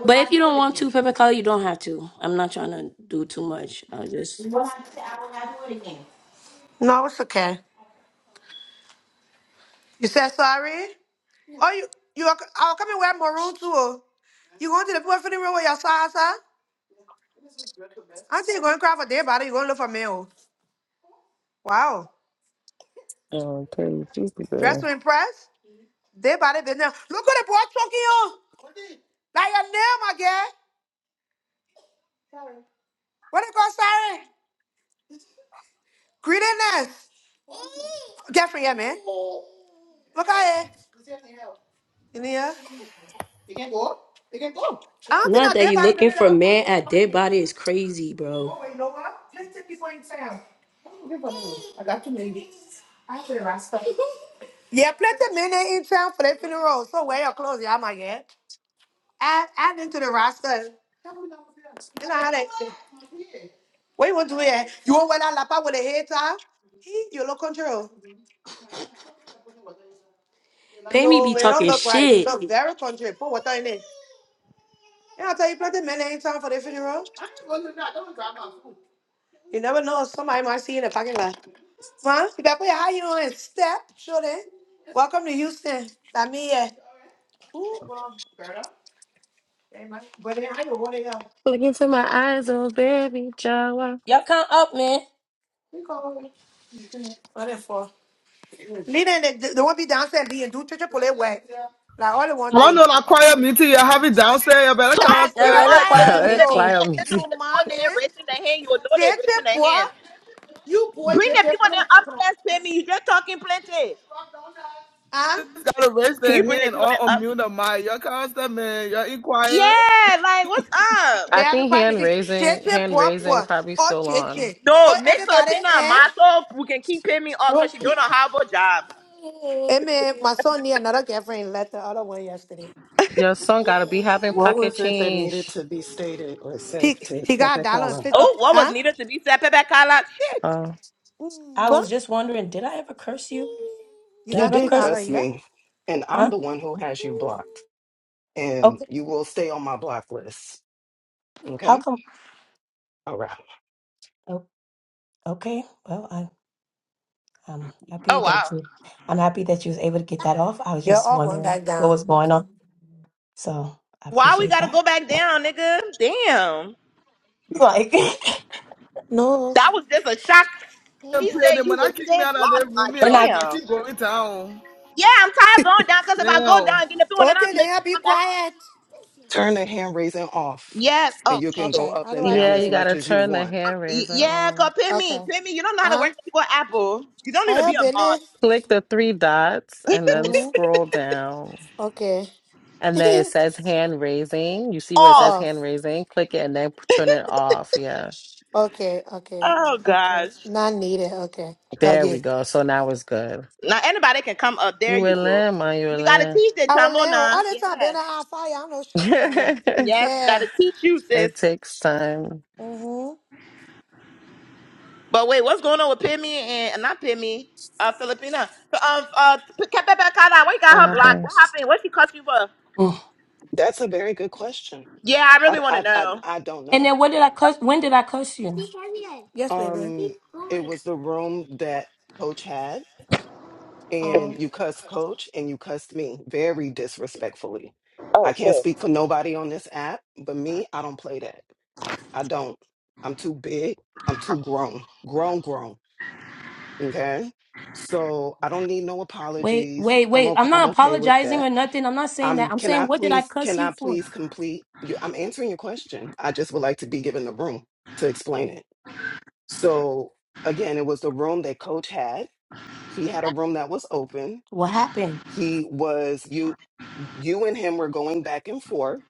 Speaker 1: But if you don't want to, Pepe Kala, you don't have to. I'm not trying to do too much. I just
Speaker 3: No, it's okay. You said sorry? Oh, you you are, I'll come and wear maroon too. oh. You going to the boyfriend room with your salsa? Auntie, you going to cry for their body. you going to look for me. Oh. Wow.
Speaker 7: Oh, Taylor, she's the
Speaker 3: Dress to
Speaker 7: girl.
Speaker 3: impress? Their body been there. Look at the boy choking you. Like your nail, my girl. What it called, sorry? Greediness. Jeffrey, yeah, man. Look at it. In here. You You can can go. You can go. I don't think
Speaker 1: not
Speaker 3: not
Speaker 1: that you
Speaker 3: everybody done
Speaker 1: looking
Speaker 3: it
Speaker 1: for a
Speaker 3: out.
Speaker 1: man at dead body is crazy,
Speaker 3: Oh,
Speaker 1: bro.
Speaker 3: wait, you know what? Let's take this one in town. I got two minutes. I have to rasta. Yeah, plenty of men in town for their funeral. So wear your clothes, yeah, my yet. Add, add into the roster. You know how they. What you want to do here? You want to wear that lapa with a hair tie? Eh, You look control.
Speaker 1: Pammy be
Speaker 3: No, it don't
Speaker 1: talking
Speaker 3: look right. You
Speaker 1: shit.
Speaker 3: look very country. Put water in it. Yeah, I tell you, plenty men ain't time for the funeral. You never know. Somebody might see you in the parking lot. Man, you better put your high heel on and step. Show them. Welcome to Houston. That me, yeah. Ooh, well, girl. Hey, man. But then I don't want to
Speaker 7: Look into my eyes, oh baby, Jawa.
Speaker 1: Y'all come up, man.
Speaker 3: go. What it for? Leading, they, they won't be downstairs being do church pull it work. Like all they want to do.
Speaker 6: Ronald, I choir meeting. You have it downstairs. You better
Speaker 3: The
Speaker 6: come
Speaker 3: I
Speaker 2: Talking
Speaker 1: A
Speaker 2: too
Speaker 3: serious
Speaker 6: upstairs.
Speaker 1: really
Speaker 2: much.
Speaker 3: fire
Speaker 2: If you
Speaker 1: quiet
Speaker 3: meeting,
Speaker 2: if you
Speaker 3: oh.
Speaker 1: meeting.
Speaker 2: pay
Speaker 7: Quiet me,
Speaker 2: attention
Speaker 7: too.
Speaker 2: to
Speaker 3: You
Speaker 2: the people
Speaker 3: man, eh?
Speaker 2: there raising their hand, you will know they're
Speaker 3: Church
Speaker 2: raising their hand.
Speaker 3: boy. You poor
Speaker 2: Bring
Speaker 3: cheche
Speaker 2: the people
Speaker 3: pray.
Speaker 2: there upstairs, pay me. You just talking plenty.
Speaker 3: Huh?
Speaker 6: You Gotta raise
Speaker 2: Can
Speaker 6: their
Speaker 2: you bring the
Speaker 6: hand
Speaker 2: people
Speaker 6: or
Speaker 2: there up?
Speaker 6: unmute the mic. You come upstairs, man. Yeah, You inquire
Speaker 2: Yeah, like what's up?
Speaker 3: They
Speaker 7: I
Speaker 3: have a
Speaker 7: think
Speaker 3: quiet
Speaker 7: hand
Speaker 3: meeting. J
Speaker 7: raising,
Speaker 3: J
Speaker 7: hand
Speaker 3: poor
Speaker 7: raising,
Speaker 3: poor.
Speaker 7: probably
Speaker 3: Oh
Speaker 7: still
Speaker 3: J
Speaker 7: on.
Speaker 3: J,
Speaker 2: No,
Speaker 3: Oh
Speaker 2: make
Speaker 3: everybody,
Speaker 2: Filipina a
Speaker 3: eh?
Speaker 2: model who can keep paying me off because she don't know how to job.
Speaker 3: Hey man, my son need another girlfriend left the other one yesterday.
Speaker 7: Your son gotta be having
Speaker 8: What
Speaker 7: pocket
Speaker 8: was it that needed
Speaker 7: change.
Speaker 8: to be stated or said
Speaker 3: He
Speaker 8: to
Speaker 3: he got a
Speaker 8: Pepe
Speaker 3: dollar and
Speaker 8: Carla?
Speaker 1: Uh,
Speaker 3: fifty.
Speaker 2: Oh, what was
Speaker 3: Huh?
Speaker 2: needed to be said, Pepe Kala? Shit.
Speaker 7: Oh
Speaker 1: I
Speaker 3: Mwah.
Speaker 1: was just wondering, did I ever curse you?
Speaker 3: You
Speaker 1: Did I
Speaker 8: You
Speaker 3: got
Speaker 1: ever
Speaker 3: two
Speaker 8: did
Speaker 1: curse?
Speaker 3: dollar,
Speaker 8: cuss
Speaker 3: yeah?
Speaker 8: me, and I'm
Speaker 1: Huh?
Speaker 8: the one who has you blocked, and
Speaker 1: Okay.
Speaker 8: you will stay on my block list.
Speaker 1: How
Speaker 8: Okay?
Speaker 1: come?
Speaker 8: All right.
Speaker 1: Oh, okay. Well, I, I'm happy
Speaker 2: Oh
Speaker 1: that
Speaker 2: wow.
Speaker 1: you. I'm happy that you was able to get that off. I was
Speaker 3: You're
Speaker 1: just
Speaker 3: all going
Speaker 1: wondering
Speaker 3: back
Speaker 1: what
Speaker 3: down.
Speaker 1: was going on. So I
Speaker 2: Why we
Speaker 1: appreciate
Speaker 2: gotta go
Speaker 1: that.
Speaker 2: back down, nigga? Damn.
Speaker 1: Like,
Speaker 3: No.
Speaker 2: That was just a shock.
Speaker 6: And
Speaker 2: She
Speaker 6: play
Speaker 2: said
Speaker 6: them.
Speaker 2: you
Speaker 6: When I
Speaker 2: was
Speaker 6: kick me
Speaker 2: dead
Speaker 6: out of their
Speaker 2: blocked. My
Speaker 6: room,
Speaker 1: we're
Speaker 6: yo,
Speaker 1: not.
Speaker 6: if I
Speaker 2: damn.
Speaker 6: keep going down,
Speaker 2: Yeah, I'm tired of going down because if I go
Speaker 6: damn.
Speaker 2: down and get in the building and then I'm
Speaker 3: Okay,
Speaker 2: looking,
Speaker 3: then I'll be
Speaker 2: come back up.
Speaker 3: quiet.
Speaker 8: Turn the hand raising off,
Speaker 2: Yes. Oh
Speaker 8: and you can
Speaker 2: shit.
Speaker 8: go
Speaker 3: Okay,
Speaker 8: up
Speaker 3: how do
Speaker 8: and
Speaker 3: I
Speaker 8: down
Speaker 7: yeah,
Speaker 3: do
Speaker 8: as
Speaker 7: you
Speaker 3: it?
Speaker 8: much
Speaker 7: gotta
Speaker 8: as you
Speaker 7: turn the
Speaker 8: want.
Speaker 7: hand
Speaker 2: Y-
Speaker 7: raising
Speaker 2: Yeah, cause
Speaker 7: on.
Speaker 2: pin me,
Speaker 3: Okay.
Speaker 2: pin me. You don't know how to
Speaker 3: Huh?
Speaker 2: work people at Apple. You don't
Speaker 3: I
Speaker 2: need to be
Speaker 3: help
Speaker 2: a
Speaker 3: in
Speaker 2: mod.
Speaker 3: it.
Speaker 7: Click the three dots and then
Speaker 3: Mm-hmm.
Speaker 7: scroll down.
Speaker 3: Okay.
Speaker 7: And then it says hand raising. You see where it says
Speaker 2: Off.
Speaker 3: Off.
Speaker 7: hand raising? Click it and then p- turn it off. Yeah.
Speaker 3: Okay, okay,
Speaker 2: Oh
Speaker 3: okay.
Speaker 2: gosh.
Speaker 3: Not needed. Okay,
Speaker 7: There we
Speaker 3: doggy.
Speaker 7: go. So now it's good.
Speaker 2: Now anybody can come up. There
Speaker 7: You
Speaker 2: you
Speaker 7: will
Speaker 2: go.
Speaker 7: learn, man. You will
Speaker 2: We gotta
Speaker 7: learn.
Speaker 2: teach the
Speaker 3: I will
Speaker 2: chamo
Speaker 3: lay on
Speaker 2: now.
Speaker 3: all the time.
Speaker 2: Yeah.
Speaker 3: Been on fire. I don't know shit about it.
Speaker 2: Yes,
Speaker 3: Yeah.
Speaker 2: gotta teach you, sis.
Speaker 7: it takes time.
Speaker 3: Mhm.
Speaker 2: But wait, what's going on with Pimmy and not Pimmy, uh, Filipina? Um, uh, Kepepekana, we got her blocked. What
Speaker 7: Happens.
Speaker 2: happened? What she cussed you for?
Speaker 1: Mm.
Speaker 8: That's a very good question.
Speaker 2: Yeah, I
Speaker 8: I,
Speaker 2: really want to
Speaker 8: I, I,
Speaker 2: know.
Speaker 8: I don't
Speaker 1: And
Speaker 8: know.
Speaker 1: then, what did I curse? When did I curse you?
Speaker 3: Yes, baby.
Speaker 8: Um, it was the room that Coach had.
Speaker 3: Um,
Speaker 8: and you cussed coach and you cussed me very disrespectfully.
Speaker 2: Oh
Speaker 8: I can't
Speaker 2: shit.
Speaker 8: speak for nobody on this app, but me, I don't play that. I don't. I'm too big. I'm too grown. Grown, grown. Okay. So I don't need no
Speaker 1: Wait,
Speaker 8: apologies.
Speaker 1: wait,
Speaker 8: I'm
Speaker 1: wait.
Speaker 8: okay.
Speaker 1: I'm
Speaker 8: I'm
Speaker 1: not
Speaker 8: okay with
Speaker 1: apologizing
Speaker 8: that.
Speaker 1: or nothing. I'm not saying
Speaker 8: Um,
Speaker 1: that. I'm
Speaker 8: can
Speaker 1: saying,
Speaker 8: I
Speaker 1: what did I
Speaker 8: please,
Speaker 1: cuss
Speaker 8: can
Speaker 1: you
Speaker 8: I
Speaker 1: for?
Speaker 8: please complete you? I'm answering your question. I just would like to be given the room to explain it. So again, it was the room that coach had. He had a room that was open
Speaker 1: What happened?
Speaker 8: he was you and him were going back and forth,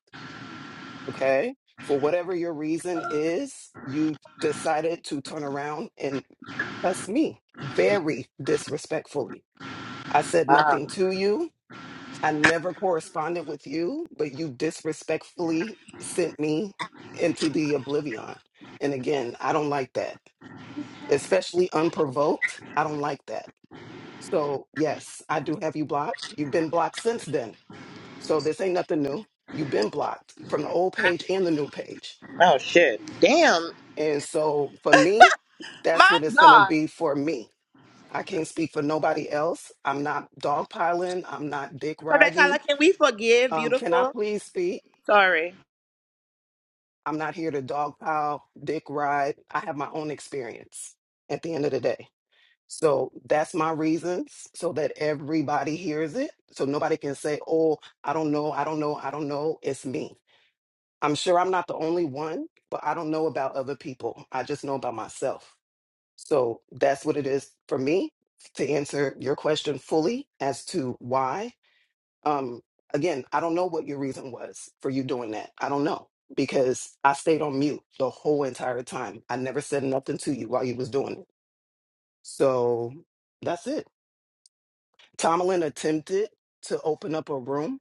Speaker 8: okay? For whatever your reason is, you decided to turn around and cuss me very disrespectfully. I said
Speaker 2: Uh,
Speaker 8: nothing to you. I never corresponded with you, but you disrespectfully sent me into the oblivion. And again, I don't like that, especially unprovoked. I don't like that. So, yes, I do have you blocked. You've been blocked since then. So this ain't nothing new. You've been blocked from the old page and the new page.
Speaker 2: oh shit. Damn.
Speaker 8: And so for me, that's
Speaker 2: My
Speaker 8: what it's going to
Speaker 2: God.
Speaker 8: be for me. I can't speak for nobody else. I'm not dogpiling. I'm not dick
Speaker 2: Kepepekana,
Speaker 8: riding.
Speaker 2: can we forgive?
Speaker 8: Um, can I
Speaker 2: Beautiful.
Speaker 8: please speak?
Speaker 2: Sorry.
Speaker 8: I'm not here to dogpile, dick ride. I have my own experience at the end of the day. So that's my reasons so that everybody hears it. So nobody can say, oh, I don't know, I don't know, I don't know. It's me. I'm sure I'm not the only one, but I don't know about other people. I just know about myself. So that's what it is for me to answer your question fully as to why. Um, again, I don't know what your reason was for you doing that. I don't know because I stayed on mute the whole entire time. I never said nothing to you while you was doing it. So that's it. Tomlin attempted to open up a room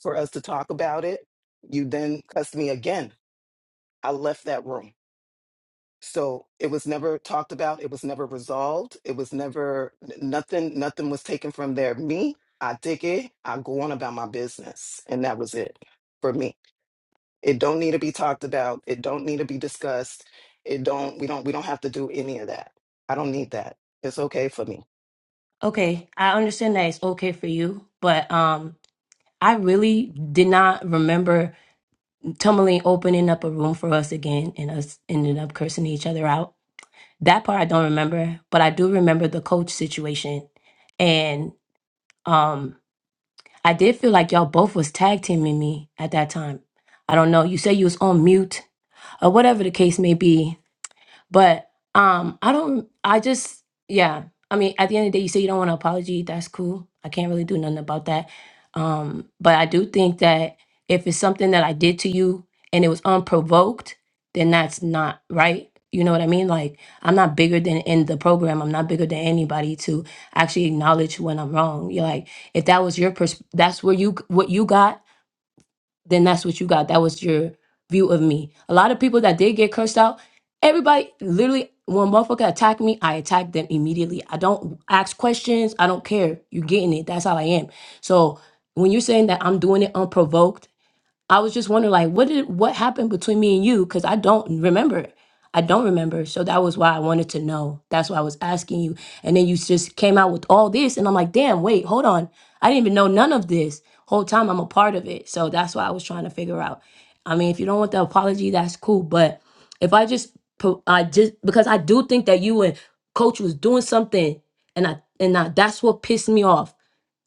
Speaker 8: for us to talk about it. You then cussed me again. I left that room. So it was never talked about. It was never resolved. It was never n- nothing. Nothing was taken from there. Me, I dig it. I go on about my business, and that was it for me. It don't need to be talked about. It don't need to be discussed. It don't. We don't. We don't have to do any of that. I don't need that. It's okay for me.
Speaker 1: Okay, I understand that it's okay for you, but um, I really did not remember Tourmaline opening up a room for us again and us ending up cursing each other out. That part I don't remember, but I do remember the coach situation, and um, I did feel like y'all both was tag teaming me at that time. I don't know. You said you was on mute or whatever the case may be, But um, I don't. I just yeah. I mean, at the end of the day, you say you don't want an apology. That's cool. I can't really do nothing about that. Um, but I do think that if it's something that I did to you and it was unprovoked, then that's not right. You know what I mean? Like I'm not bigger than in the program. I'm not bigger than anybody to actually acknowledge when I'm wrong. You're like, if that was your pers, that's where you what you got then that's what you got. That was your view of me. A lot of people that did get cursed out, everybody literally when motherfucker attacked me, I attacked them immediately. I don't ask questions. I don't care. You getting it. That's how I am. So when you're saying that I'm doing it unprovoked, I was just wondering, like, what did what happened between me and you? Because I don't remember. I don't remember. So that was why I wanted to know. That's why I was asking you. And then you just came out with all this, and I'm like, damn, wait, hold on. I didn't even know none of this. Whole time I'm a part of it. So that's why I was trying to figure out. I mean, if you don't want the apology, that's cool. But if I just, po- I just because I do think that you and Coach was doing something, and I and I, that's what pissed me off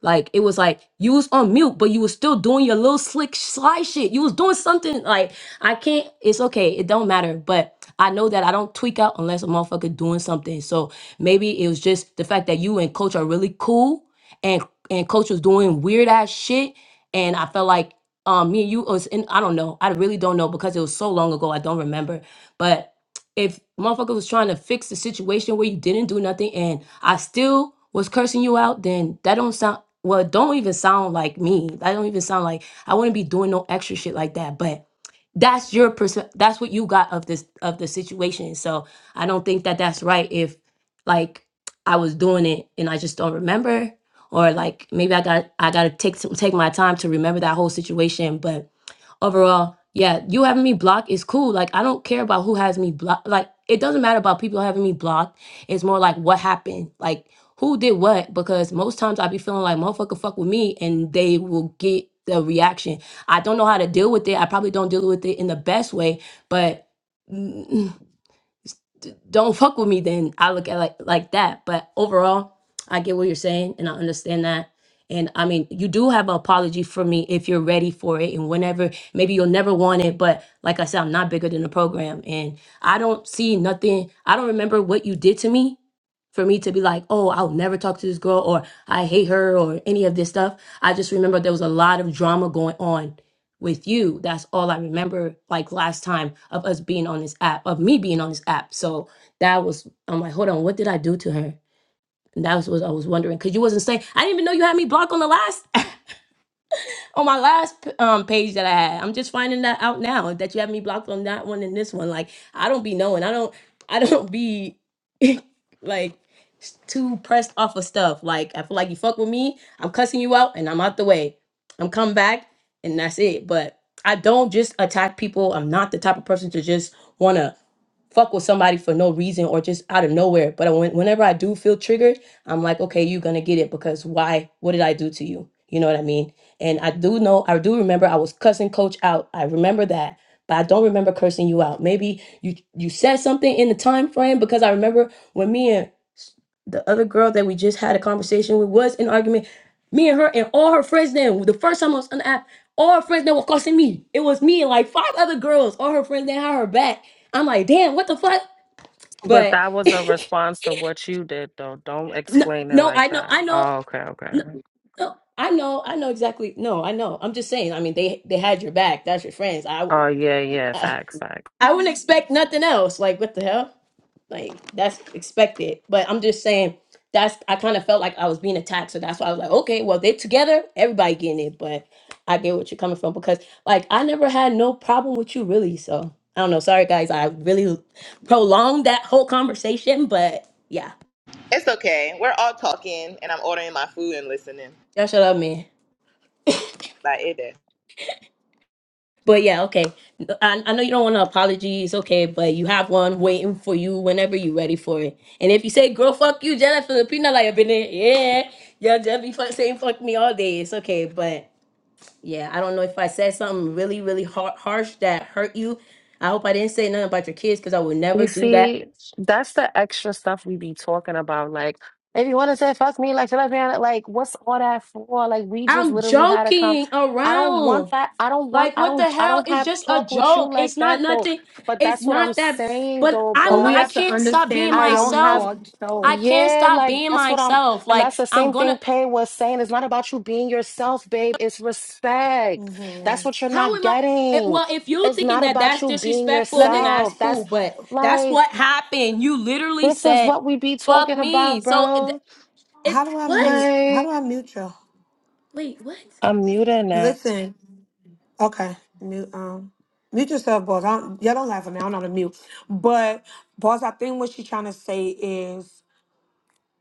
Speaker 1: like it was like you was on mute, but you was still doing your little slick sly shit. You was doing something like I can't. It's okay. It don't matter. But I know that I don't tweak out unless a motherfucker doing something. So maybe it was just the fact that you and coach are really cool, and and coach was doing weird ass shit, and I felt like um me and you was in. I don't know. I really don't know because it was so long ago. I don't remember. But if motherfucker was trying to fix the situation where you didn't do nothing and I still was cursing you out, then that don't sound well, it don't even sound like me. That don't even sound like I wouldn't be doing no extra shit like that. But that's your perspective. That's what you got of this of the situation. So I don't think that that's right. If like I was doing it and I just don't remember, or like maybe I got I got to take some, take my time to remember that whole situation. But overall, yeah, you having me blocked is cool. Like I don't care about who has me blocked. Like it doesn't matter about people having me blocked. It's more like what happened. Like who did what? Because most times I be feeling like motherfucker fuck with me and they will get the reaction. I don't know how to deal with it. I probably don't deal with it in the best way, but mm, don't fuck with me, then I look at it like like that. But overall, I get what you're saying and I understand that. And I mean, you do have an apology for me if you're ready for it and whenever maybe you'll never want it, but like I said, I'm not bigger than the program. And I don't see nothing, I don't remember what you did to me for me to be like, oh, I'll never talk to this girl or I hate her or any of this stuff. I just remember there was a lot of drama going on with you. That's all I remember like last time of us being on this app, of me being on this app. So that was I'm like, hold on, what did I do to her? And that was what I was wondering. Cause you wasn't saying I didn't even know you had me blocked on the last on my last p- um page that I had. I'm just finding that out now that you have me blocked on that one and this one. Like I don't be knowing. I don't I don't be like s- too pressed off of stuff. Like I feel like you fuck with me, I'm cussing you out and I'm out the way. I'm come back and that's it. But I don't just attack people. I'm not the type of person to just wanna fuck with somebody for no reason or just out of nowhere. But I, when, whenever I do feel triggered, I'm like, okay, you're gonna get it because why? What did I do to you? You know what I mean? And I do know, I do remember I was cussing coach out. I remember that, but I don't remember cursing you out. Maybe you you said something in the time frame because I remember when me and s- the other girl that we just had a conversation with was in argument. Me and her and all her friends then the first time I was on the app, all her friends that were cussing me. It was me and like five other girls. All her friends that had her back I'm like, damn, what the fuck?
Speaker 7: But
Speaker 1: But
Speaker 7: that was a response to what you did, though. Don't
Speaker 1: no,
Speaker 7: explain it
Speaker 1: no,
Speaker 7: like
Speaker 1: I know,
Speaker 7: that.
Speaker 1: I know,
Speaker 7: Oh, okay, okay.
Speaker 1: no, no, I know, I know exactly. No, I know. I'm just saying. I mean, they they had your back. That's your friends. I
Speaker 7: Oh, yeah, yeah.
Speaker 1: I,
Speaker 7: Facts, facts.
Speaker 1: I wouldn't expect nothing else. Like, what the hell? Like, that's expected. But I'm just saying. That's I kind of felt like I was being attacked, so that's why I was like, okay, well they're together, everybody getting it. But I get what you're coming from because like I never had no problem with you really. So I don't know. Sorry guys, I really prolonged that whole conversation, but yeah,
Speaker 2: It's okay. We're all talking, and I'm ordering my food and listening.
Speaker 1: y'all shut up, man.
Speaker 2: Like it is.
Speaker 1: But yeah, okay. I, I know you don't want to apologies, okay, but you have one waiting for you whenever you're ready for it. And if you say, girl, fuck you, Jenna Filipina, like I've been there, yeah, y'all just be fuck, saying fuck me all day. It's okay. But yeah, I don't know if I said something really, really har harsh that hurt you. I hope I didn't say nothing about your kids because I would never
Speaker 7: You
Speaker 1: do that.
Speaker 7: see, that's the extra stuff we be talking about. Like, if you want to say fuck me, like, lesbian, like, what's all that for? Like, we just
Speaker 1: I'm
Speaker 7: literally had to come.
Speaker 1: joking
Speaker 7: I don't
Speaker 1: around.
Speaker 7: want that. I don't want.
Speaker 1: Like,
Speaker 7: I
Speaker 1: what the
Speaker 7: don't. I
Speaker 1: hell?
Speaker 7: don't
Speaker 1: It's
Speaker 7: have
Speaker 1: just a
Speaker 7: talk with you
Speaker 1: joke.
Speaker 7: like
Speaker 1: It's not
Speaker 7: that though.
Speaker 1: nothing.
Speaker 7: But
Speaker 1: It's
Speaker 7: that's what I'm
Speaker 1: not that.
Speaker 7: saying
Speaker 1: But
Speaker 7: though,
Speaker 3: but
Speaker 1: I'm.
Speaker 3: we
Speaker 1: Not, I
Speaker 3: have
Speaker 7: boss.
Speaker 3: to
Speaker 1: can't stop being
Speaker 3: understand
Speaker 7: I
Speaker 3: how
Speaker 7: don't
Speaker 3: we
Speaker 7: have.
Speaker 1: myself.
Speaker 3: all
Speaker 1: I
Speaker 3: go.
Speaker 1: can't
Speaker 7: Yeah,
Speaker 1: stop
Speaker 7: like
Speaker 1: being
Speaker 7: that's what I'm,
Speaker 1: myself.
Speaker 7: and
Speaker 1: Like,
Speaker 7: that's the
Speaker 1: I'm
Speaker 7: same thing
Speaker 1: gonna.
Speaker 7: Pay was saying. It's not about you being yourself, babe. It's respect. That's
Speaker 3: Mhm.
Speaker 7: what you're
Speaker 1: How
Speaker 7: not
Speaker 1: am I? eh,
Speaker 7: getting.
Speaker 1: Well, if you're
Speaker 7: It's
Speaker 1: thinking
Speaker 7: not
Speaker 1: that
Speaker 7: about
Speaker 1: that's
Speaker 7: you being
Speaker 1: disrespectful,
Speaker 3: Let
Speaker 1: then
Speaker 3: me.
Speaker 1: that's
Speaker 7: yourself. That's
Speaker 1: cool. But that's
Speaker 7: like
Speaker 1: what happened. You literally
Speaker 7: this is
Speaker 1: said,
Speaker 7: what we be
Speaker 1: "Fuck
Speaker 7: talking
Speaker 1: me."
Speaker 7: about,
Speaker 1: So it.
Speaker 7: bro.
Speaker 1: it
Speaker 3: How do I
Speaker 1: what?
Speaker 3: mute? How do
Speaker 7: Like,
Speaker 3: I mute you?
Speaker 1: Wait, what?
Speaker 7: I'm muted now.
Speaker 3: Listen. Okay. Mute. Um. Mute yourself, boss. I don't, y'all don't laugh at me. I don't know how to mute. But boss, I think what she's trying to say is.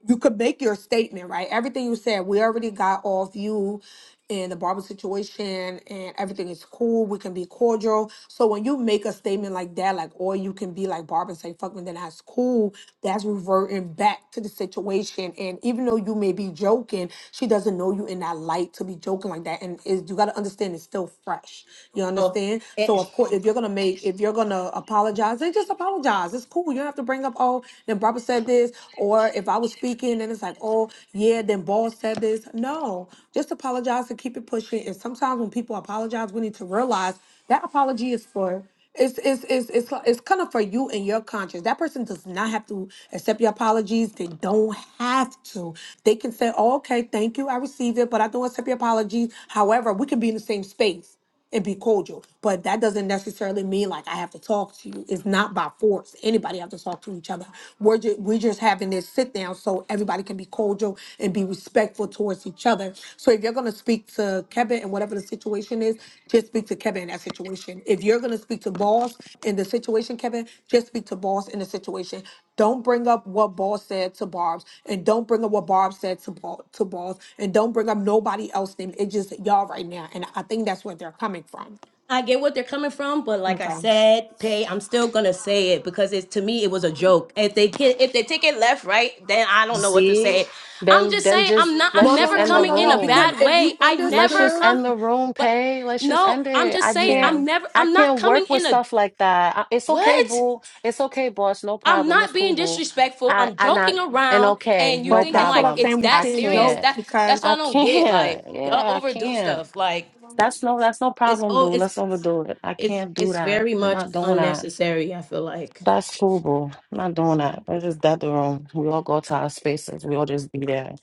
Speaker 3: you could make your statement, right? Everything you said, we already got off you and the barber situation and everything is cool. We can be cordial. So when you make a statement like that, like, or you can be like Barb and say, fuck me, then that's cool. That's reverting back to the situation. And even though you may be joking, she doesn't know you in that light to be joking like that. And is you gotta understand it's still fresh. You
Speaker 1: Oh.
Speaker 3: understand? So of course if you're gonna make if you're gonna apologize, then just apologize. It's cool. You don't have to bring up bring up, oh, then Barbara said this, or if I was speaking and it's like, oh, yeah, then boss said this. No, just apologize and keep it pushing. And sometimes when people apologize, we need to realize that apology is for it's it's it's it's li- it's kind of for you and your conscience. That person does not have to accept your apologies. They don't have to. They can say, oh, "Okay, thank you, I received it, but I don't accept your apologies." However, we can be in the same space and be cordial. But that doesn't necessarily mean like I have to talk to you. It's not by force. Anybody have to talk to each other. We're just we're just having this sit down so everybody can be cordial and be respectful towards each other. So if you're gonna speak to Kevin and whatever the situation is, just speak to Kevin in that situation. If you're going to speak to boss in the situation, Kevin, just speak to boss in the situation. Don't bring up what boss said to Barb's, and don't bring up what Barb said to Ba- to boss, and don't bring up nobody else's name. It's just y'all right now, and I think that's where they're coming from.
Speaker 1: I get what they're coming from, but like I
Speaker 3: Okay.
Speaker 1: said, pay. I'm still gonna say it because it's to me it was a joke. If they can, if they take it left, right, then I don't know what to
Speaker 7: Z,
Speaker 1: say. I'm
Speaker 7: then
Speaker 1: just
Speaker 7: then
Speaker 1: saying I'm
Speaker 7: just
Speaker 1: not. I'm
Speaker 7: let's
Speaker 3: No, no,
Speaker 7: just
Speaker 1: never
Speaker 3: no,
Speaker 7: end
Speaker 3: no,
Speaker 7: the
Speaker 1: coming
Speaker 3: no,
Speaker 1: in
Speaker 3: no.
Speaker 1: a
Speaker 3: Because
Speaker 7: room.
Speaker 1: bad
Speaker 3: if
Speaker 1: way.
Speaker 3: you
Speaker 1: I
Speaker 7: Let's
Speaker 1: never
Speaker 7: just
Speaker 3: understood,
Speaker 1: come,
Speaker 7: end the room,
Speaker 1: but
Speaker 7: pay. Let's just
Speaker 1: no,
Speaker 7: end
Speaker 1: I'm
Speaker 7: it.
Speaker 1: just
Speaker 7: I
Speaker 1: saying
Speaker 7: can't
Speaker 3: yeah.
Speaker 1: I'm never.
Speaker 7: I
Speaker 1: I'm not
Speaker 7: can't
Speaker 1: coming
Speaker 7: work with
Speaker 1: in a
Speaker 7: stuff like that. I- It's okay,
Speaker 1: what.
Speaker 7: boo. It's okay, boss. No
Speaker 1: I'm
Speaker 7: problem. It's
Speaker 1: not
Speaker 7: cool,
Speaker 1: being
Speaker 7: boo.
Speaker 1: disrespectful.
Speaker 7: I
Speaker 1: I'm
Speaker 7: I
Speaker 1: joking
Speaker 7: not and
Speaker 1: around,
Speaker 7: okay,
Speaker 1: and you
Speaker 7: no
Speaker 3: But
Speaker 1: thinking
Speaker 3: that's what
Speaker 1: like
Speaker 3: I'm
Speaker 7: problem.
Speaker 1: it's
Speaker 3: saying. We
Speaker 1: that
Speaker 7: I
Speaker 3: can't
Speaker 1: serious.
Speaker 3: joke
Speaker 7: can't.
Speaker 1: That that's
Speaker 3: because,
Speaker 1: what
Speaker 7: I
Speaker 1: I don't get.
Speaker 7: can't.
Speaker 1: Like
Speaker 7: Yeah,
Speaker 1: y'all
Speaker 7: I
Speaker 1: overdo
Speaker 7: can't.
Speaker 1: stuff. Like
Speaker 7: That's no that's no
Speaker 1: it's
Speaker 7: problem,
Speaker 1: oh
Speaker 7: boo.
Speaker 1: it's
Speaker 7: Let's overdo it. I
Speaker 1: it's
Speaker 7: can't do
Speaker 1: it's
Speaker 7: that.
Speaker 1: very
Speaker 7: I'm
Speaker 1: much
Speaker 7: not doing that.
Speaker 1: unnecessary. I feel like
Speaker 7: That's cool, bro. I'm not doing that. Let's just dead the room. We all go to our spaces. We all just be there.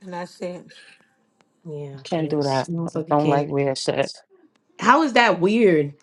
Speaker 3: and that's it.
Speaker 1: yeah,
Speaker 7: Can't do
Speaker 1: because
Speaker 7: that.
Speaker 1: motherfucker
Speaker 7: Don't like
Speaker 1: can't.
Speaker 7: weird shit.
Speaker 1: How is that weird?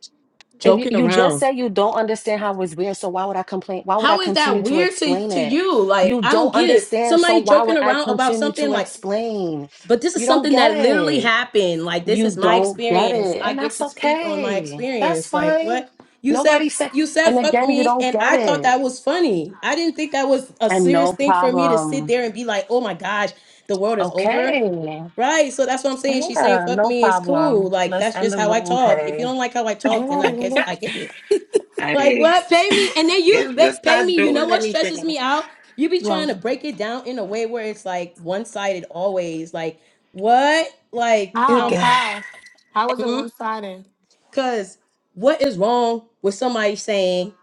Speaker 7: If you,
Speaker 1: Joking
Speaker 7: you just
Speaker 1: around.
Speaker 7: said you don't understand how it's weird, so why would I complain? Why would I
Speaker 1: How is that
Speaker 7: continue to
Speaker 1: weird to
Speaker 7: explain
Speaker 1: to
Speaker 7: it?
Speaker 1: you? Like
Speaker 7: You
Speaker 1: I don't
Speaker 7: don't
Speaker 1: get it.
Speaker 7: understand, so
Speaker 1: Somebody
Speaker 7: why
Speaker 1: joking
Speaker 7: would I
Speaker 1: around about
Speaker 7: continue
Speaker 1: something
Speaker 7: to
Speaker 1: like,
Speaker 7: explain?
Speaker 1: but this is
Speaker 7: You don't
Speaker 1: something
Speaker 7: get
Speaker 1: that literally
Speaker 7: it.
Speaker 1: happened. Like this
Speaker 7: You
Speaker 1: is my
Speaker 7: don't get
Speaker 1: experience.
Speaker 7: it.
Speaker 1: I
Speaker 7: And
Speaker 1: get
Speaker 7: that's
Speaker 1: to speak on my
Speaker 7: okay. That's
Speaker 1: experience. Like
Speaker 7: fine.
Speaker 1: what you
Speaker 7: Nobody
Speaker 1: said.
Speaker 7: said,
Speaker 1: You said
Speaker 7: and
Speaker 1: fuck
Speaker 7: again, you
Speaker 1: me,
Speaker 7: don't
Speaker 1: and
Speaker 7: get
Speaker 1: I thought
Speaker 7: it.
Speaker 1: that was funny. I didn't think that was a
Speaker 7: And
Speaker 1: serious
Speaker 7: no
Speaker 1: thing for me to sit
Speaker 7: problem.
Speaker 1: there and be like, oh my gosh, the world is over
Speaker 7: Okay.
Speaker 1: Right. So that's what I'm saying. She's saying,
Speaker 7: Yeah,
Speaker 1: fuck
Speaker 7: no
Speaker 1: me, it's
Speaker 7: problem.
Speaker 1: cool. Like,
Speaker 7: Let's
Speaker 1: that's
Speaker 7: end
Speaker 1: just
Speaker 7: the
Speaker 1: how I
Speaker 7: room,
Speaker 1: talk. If you
Speaker 7: Pay.
Speaker 1: don't like how I
Speaker 3: I don't
Speaker 1: talk, then
Speaker 3: know
Speaker 1: I
Speaker 3: that
Speaker 1: guess
Speaker 3: it
Speaker 1: I
Speaker 3: is.
Speaker 1: get it.
Speaker 7: I,
Speaker 1: Like, what? Pay me. And then you
Speaker 7: it's
Speaker 1: pay,
Speaker 7: just
Speaker 1: pay
Speaker 7: not
Speaker 1: me. You know
Speaker 7: doing
Speaker 1: what stresses
Speaker 7: anything.
Speaker 1: me out? You be
Speaker 3: Well,
Speaker 1: trying to break it down in a way where it's like one sided always. Like, what? Like,
Speaker 7: Good
Speaker 3: how,
Speaker 1: um,
Speaker 7: God.
Speaker 3: how, how is it one sided?
Speaker 1: because what is wrong with somebody saying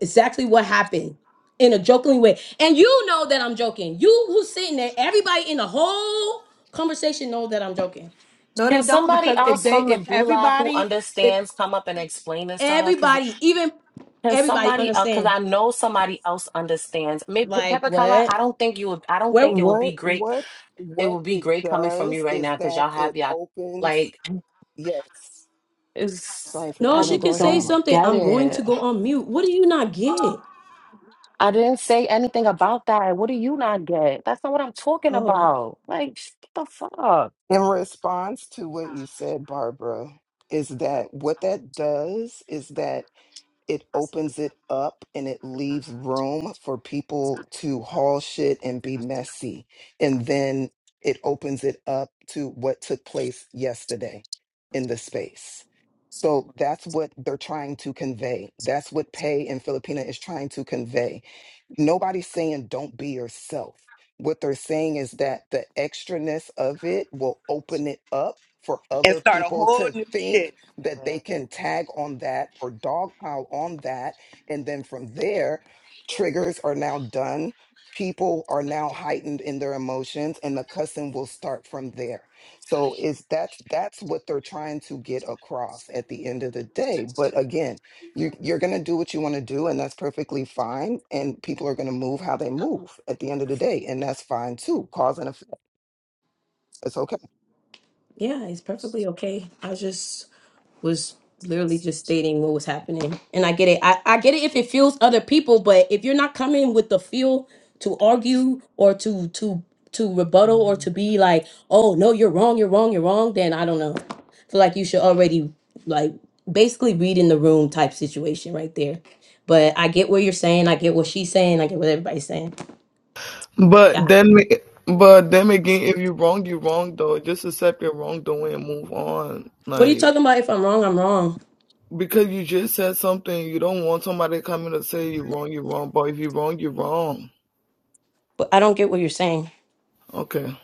Speaker 1: exactly what happened? in a joking way. And you know that I'm joking. You who's sitting there, everybody in the whole conversation know that I'm joking.
Speaker 3: No,
Speaker 7: Can
Speaker 3: they don't
Speaker 7: somebody
Speaker 3: because if
Speaker 7: else
Speaker 3: they
Speaker 7: from the
Speaker 3: if
Speaker 7: gulag who
Speaker 3: everybody if
Speaker 7: understands come up and explain this to her? Because
Speaker 1: everybody, even
Speaker 7: can
Speaker 1: everybody
Speaker 7: somebody else? Because
Speaker 1: understand.
Speaker 7: I know somebody else understands. Maybe
Speaker 1: Like
Speaker 7: Pepper Color.
Speaker 1: what?
Speaker 7: I don't think you would. I don't think
Speaker 1: Well,
Speaker 7: it would be
Speaker 8: What
Speaker 7: great.
Speaker 8: what
Speaker 7: It
Speaker 8: what
Speaker 7: would be
Speaker 8: it
Speaker 7: great coming from
Speaker 8: does
Speaker 7: you right
Speaker 8: is
Speaker 7: now because
Speaker 8: that
Speaker 7: y'all have
Speaker 8: it
Speaker 7: y'all
Speaker 8: opens.
Speaker 7: like.
Speaker 8: Yes.
Speaker 7: It's,
Speaker 8: Sorry, for
Speaker 1: no,
Speaker 7: I
Speaker 8: you know.
Speaker 1: she
Speaker 8: Go
Speaker 1: can
Speaker 7: just
Speaker 8: ahead,
Speaker 1: say
Speaker 7: don't
Speaker 8: Mama.
Speaker 1: something.
Speaker 7: get
Speaker 1: I'm going to
Speaker 7: it.
Speaker 1: go on mute. What do you not get?
Speaker 7: I didn't say anything about that. What do you not get? That's not what I'm talking
Speaker 1: Oh.
Speaker 7: about. Like, what the fuck?
Speaker 8: In response to what you said, Barbara, is that what that does is that it opens it up and it leaves room for people to haul shit and be messy. And then it opens it up to what took place yesterday in the space. So that's what they're trying to convey. That's what Pay and Filipina is trying to convey nobody's saying don't be yourself. What they're saying is that the extraness of it will open it up for
Speaker 2: And
Speaker 8: other
Speaker 2: start a
Speaker 8: people
Speaker 2: whole
Speaker 8: to
Speaker 2: new
Speaker 8: think
Speaker 2: shit.
Speaker 8: that
Speaker 2: Mm.
Speaker 8: they can tag on that or dogpile on that. And then from there, triggers are now done. People are now heightened in their emotions and the cussing will start from there. So is that's that's what they're trying to get across at the end of the day. But again, you're, you're going to do what you want to do, and that's perfectly fine. And people are going to move how they move at the end of the day, and that's fine too. Cause and effect. It's okay.
Speaker 1: Yeah, it's perfectly okay. I just was literally just stating what was happening. And I get it. I, I get it if it fuels other people, but if you're not coming with the fuel to argue or to to to rebuttal or
Speaker 7: Mm.
Speaker 1: to be like, oh no, you're wrong, you're wrong, you're wrong, then I don't know. I feel like you should already like basically read in the room type situation right there. But I get what you're saying, I get what she's saying, I get what everybody's saying.
Speaker 6: But
Speaker 1: Yeah.
Speaker 6: then, but then again, if you wrong, you wrong though. Just accept your wrongdoing and move on.
Speaker 1: What are you
Speaker 6: Like
Speaker 1: talking about? If I'm wrong, I'm wrong.
Speaker 6: because you just said something, you don't want somebody coming to say you wrong, you wrong. But if you wrong, you wrong.
Speaker 1: But I don't get what you're saying.
Speaker 6: Okay.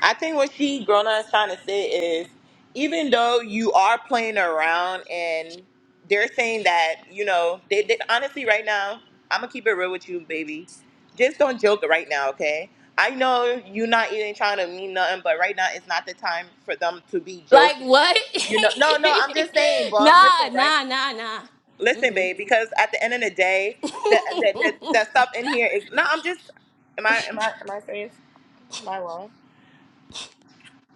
Speaker 2: I think what she grown up is trying to say is even though you are playing around and they're saying that, you know, they, they honestly right now, I'm gonna keep it real with you, baby. Just don't joke right now, okay? I know you're not even trying to mean nothing, but right now it's not the time for them to be
Speaker 1: Like
Speaker 2: joking.
Speaker 1: what?
Speaker 2: You know, no, no, I'm just saying, boss.
Speaker 1: nah,
Speaker 2: Listen, right?
Speaker 1: nah, nah, nah.
Speaker 2: Listen,
Speaker 1: Mm-mm.
Speaker 2: babe, because at the end of the day, the the, the, the stuff in here is no. I'm just. Am I am I am I serious? Am I wrong?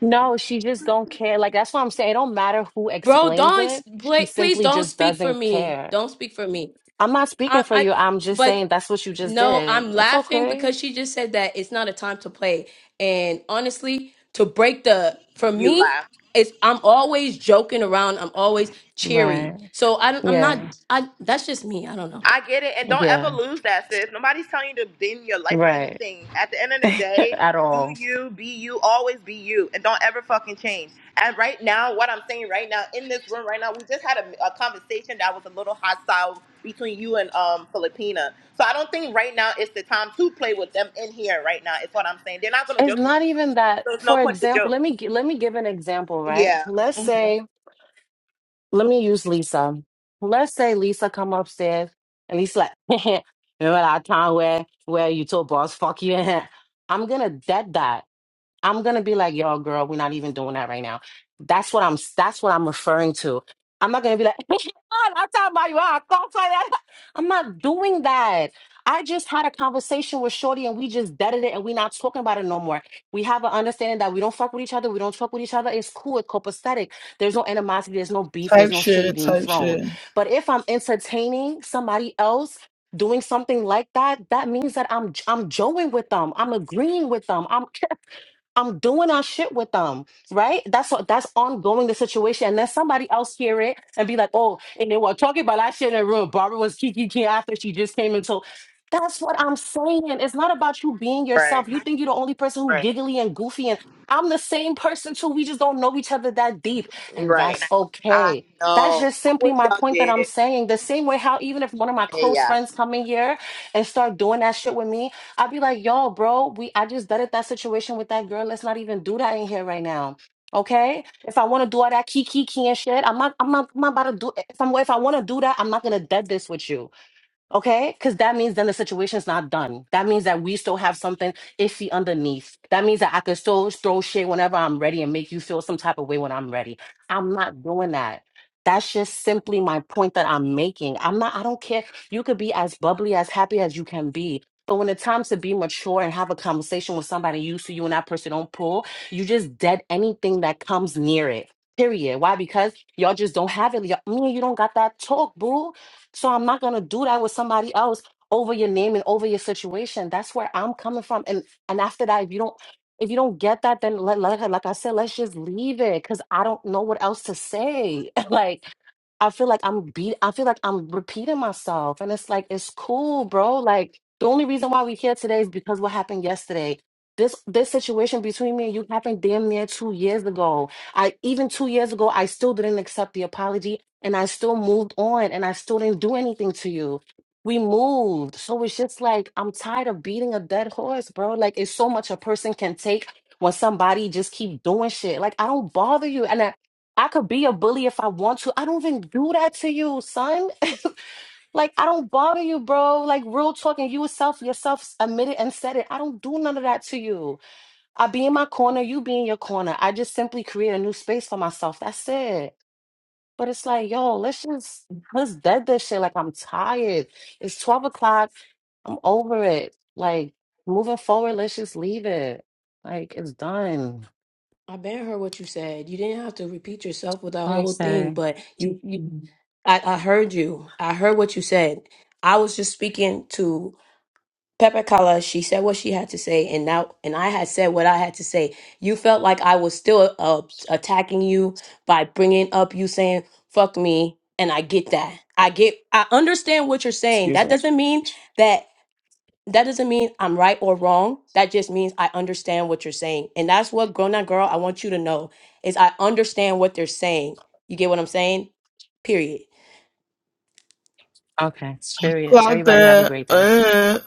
Speaker 7: No, she just don't care. Like, that's what I'm saying. It don't matter who
Speaker 1: Bro,
Speaker 7: explains
Speaker 1: don't
Speaker 7: it.
Speaker 1: pl-
Speaker 7: She
Speaker 1: please
Speaker 7: simply
Speaker 1: don't
Speaker 7: just
Speaker 1: speak for
Speaker 7: doesn't
Speaker 1: me.
Speaker 7: care.
Speaker 1: Don't speak for me.
Speaker 7: I'm not speaking
Speaker 1: I,
Speaker 7: for
Speaker 1: I,
Speaker 7: you. I'm just
Speaker 1: but
Speaker 7: saying that's what you just
Speaker 1: no,
Speaker 7: did.
Speaker 1: I'm
Speaker 7: It's
Speaker 1: laughing
Speaker 7: okay.
Speaker 1: because she just said that it's not a time to play. And honestly, to break the for
Speaker 2: You
Speaker 1: me,
Speaker 2: laugh.
Speaker 1: it's I'm always joking around. I'm always cheery.
Speaker 7: Right.
Speaker 1: So I, don't- I'm not.
Speaker 7: Yeah.
Speaker 1: I that's just me. I don't know.
Speaker 2: I get it, and don't ever
Speaker 7: Yeah.
Speaker 2: lose that, sis. Nobody's telling you to bend your life or
Speaker 7: Right.
Speaker 2: anything. At the end of the day,
Speaker 7: At
Speaker 2: do
Speaker 7: all.
Speaker 2: you, be you, always be you, and don't ever fucking change. And right now, what I'm saying right now in this room right now, we just had a, a conversation that was a little hostile between you and um Filipina. So I don't think right now it's the time to play with them in here right now. Is what I'm saying. They're not gonna
Speaker 7: It's
Speaker 2: joke with
Speaker 7: not
Speaker 2: you,
Speaker 7: even that.
Speaker 2: so it's no
Speaker 7: For
Speaker 2: point to
Speaker 7: example,
Speaker 2: joke.
Speaker 7: let me gi- let me give an example, right?
Speaker 2: Yeah.
Speaker 7: Let's say let me use Lisa. Let's say Lisa come upstairs and he's like, remember that time where where you told boss fuck you? I'm gonna dead that. I'm gonna be like, yo, girl, we're not even doing that right now. That's what I'm that's what I'm referring to. I'm not gonna be like, I'm talking about you. I call for that." I'm not doing that. I just had a conversation with Shorty and we just deaded it and we're not talking about it no more. We have an understanding that we don't fuck with each other, we don't fuck with each other. It's cool, it's copacetic. There's no animosity, there's no beef, there's
Speaker 6: Type
Speaker 7: no shade
Speaker 6: shit.
Speaker 7: being
Speaker 6: Type shit.
Speaker 7: thrown. But if I'm entertaining somebody else doing something like that, that means that I'm I'm joing with them. I'm agreeing with them. I'm I'm doing our shit with them, right? That's what that's ongoing the situation. And then somebody else hear it and be like, oh, and they were talking about that shit in the room. Barbara was kiki kiki after she just came into. That's what I'm saying. It's not about you being
Speaker 2: Right.
Speaker 7: yourself. You think you're the only person who
Speaker 2: Right.
Speaker 7: giggly and goofy, and I'm the same person too. We just don't know each other that deep, and
Speaker 2: Right.
Speaker 7: that's
Speaker 2: I
Speaker 7: okay. That's
Speaker 2: know.
Speaker 7: just
Speaker 2: I
Speaker 7: simply
Speaker 2: wish
Speaker 7: my
Speaker 2: y'all
Speaker 7: point that I'm
Speaker 2: did.
Speaker 7: saying. The same way how even if one of my
Speaker 2: Hey,
Speaker 7: close
Speaker 2: yeah.
Speaker 7: friends come in here and start doing that shit with me, I'd be like, yo, bro, we I just dealt with that situation with that girl. Let's not even do that in here right now. Okay? If I want to do all that kiki key and shit, I'm not I'm not, I'm not about to do if I'm if I want to do that, I'm not gonna dead this with you. Okay, because that means then the situation's not done. That means that we still have something iffy underneath. That means that I can still throw shit whenever I'm ready and make you feel some type of way when I'm ready. I'm not doing that. That's just simply my point that I'm making. I'm not, I don't care. You could be as bubbly, as happy as you can be. But when it's time to be mature and have a conversation with somebody used to you and that person don't pull, you just dead anything that comes near it. Period. Why? Because y'all just don't have it. Y'all, me and you don't got that talk, boo so I'm not going to do that with somebody else over your name and over your situation. That's where I'm coming from. And and after that, if you don't if you don't get that, then let, let like I said, let's just leave it because I don't know what else to say. like I feel like I'm beat. I feel like I'm repeating myself, and it's like it's cool, bro. Like the only reason why we here today is because what happened yesterday. This this situation between me and you happened damn near two years ago. I even two years ago, I still didn't accept the apology, and I still moved on, and I still didn't do anything to you. We moved, so it's just like I'm tired of beating a dead horse, bro. Like it's so much a person can take when somebody just keep doing shit. Like I don't bother you, and I I could be a bully if I want to. I don't even do that to you, son. like I don't bother you, bro. Like real talking, you yourself yourself admitted and said it. I don't do none of that to you. I be in my corner, you be in your corner. I just simply create a new space for myself. That's it. But it's like, yo, let's just let's dead this shit. Like I'm tired. It's twelve o'clock. I'm over it. Like moving forward, let's just leave it. Like it's done.
Speaker 1: I been heard what you said. You didn't have to repeat yourself with that whole thing,
Speaker 7: Okay.
Speaker 1: but you, you I, I heard you. I heard what you said. I was just speaking to Pepper Kala. She said what she had to say, and now and I had said what I had to say. You felt like I was still uh, attacking you by bringing up you saying "fuck me," and I get that. I get. I understand what you're saying.
Speaker 7: Excuse
Speaker 1: That
Speaker 7: me.
Speaker 1: doesn't mean that that doesn't mean I'm right or wrong. That just means I understand what you're saying. And that's what grown up girl, I want you to know is I understand what they're saying. You get what I'm saying? Period.
Speaker 7: Okay. Period.
Speaker 6: Clock
Speaker 7: Everybody have a
Speaker 6: that.
Speaker 7: great day.
Speaker 6: Eh.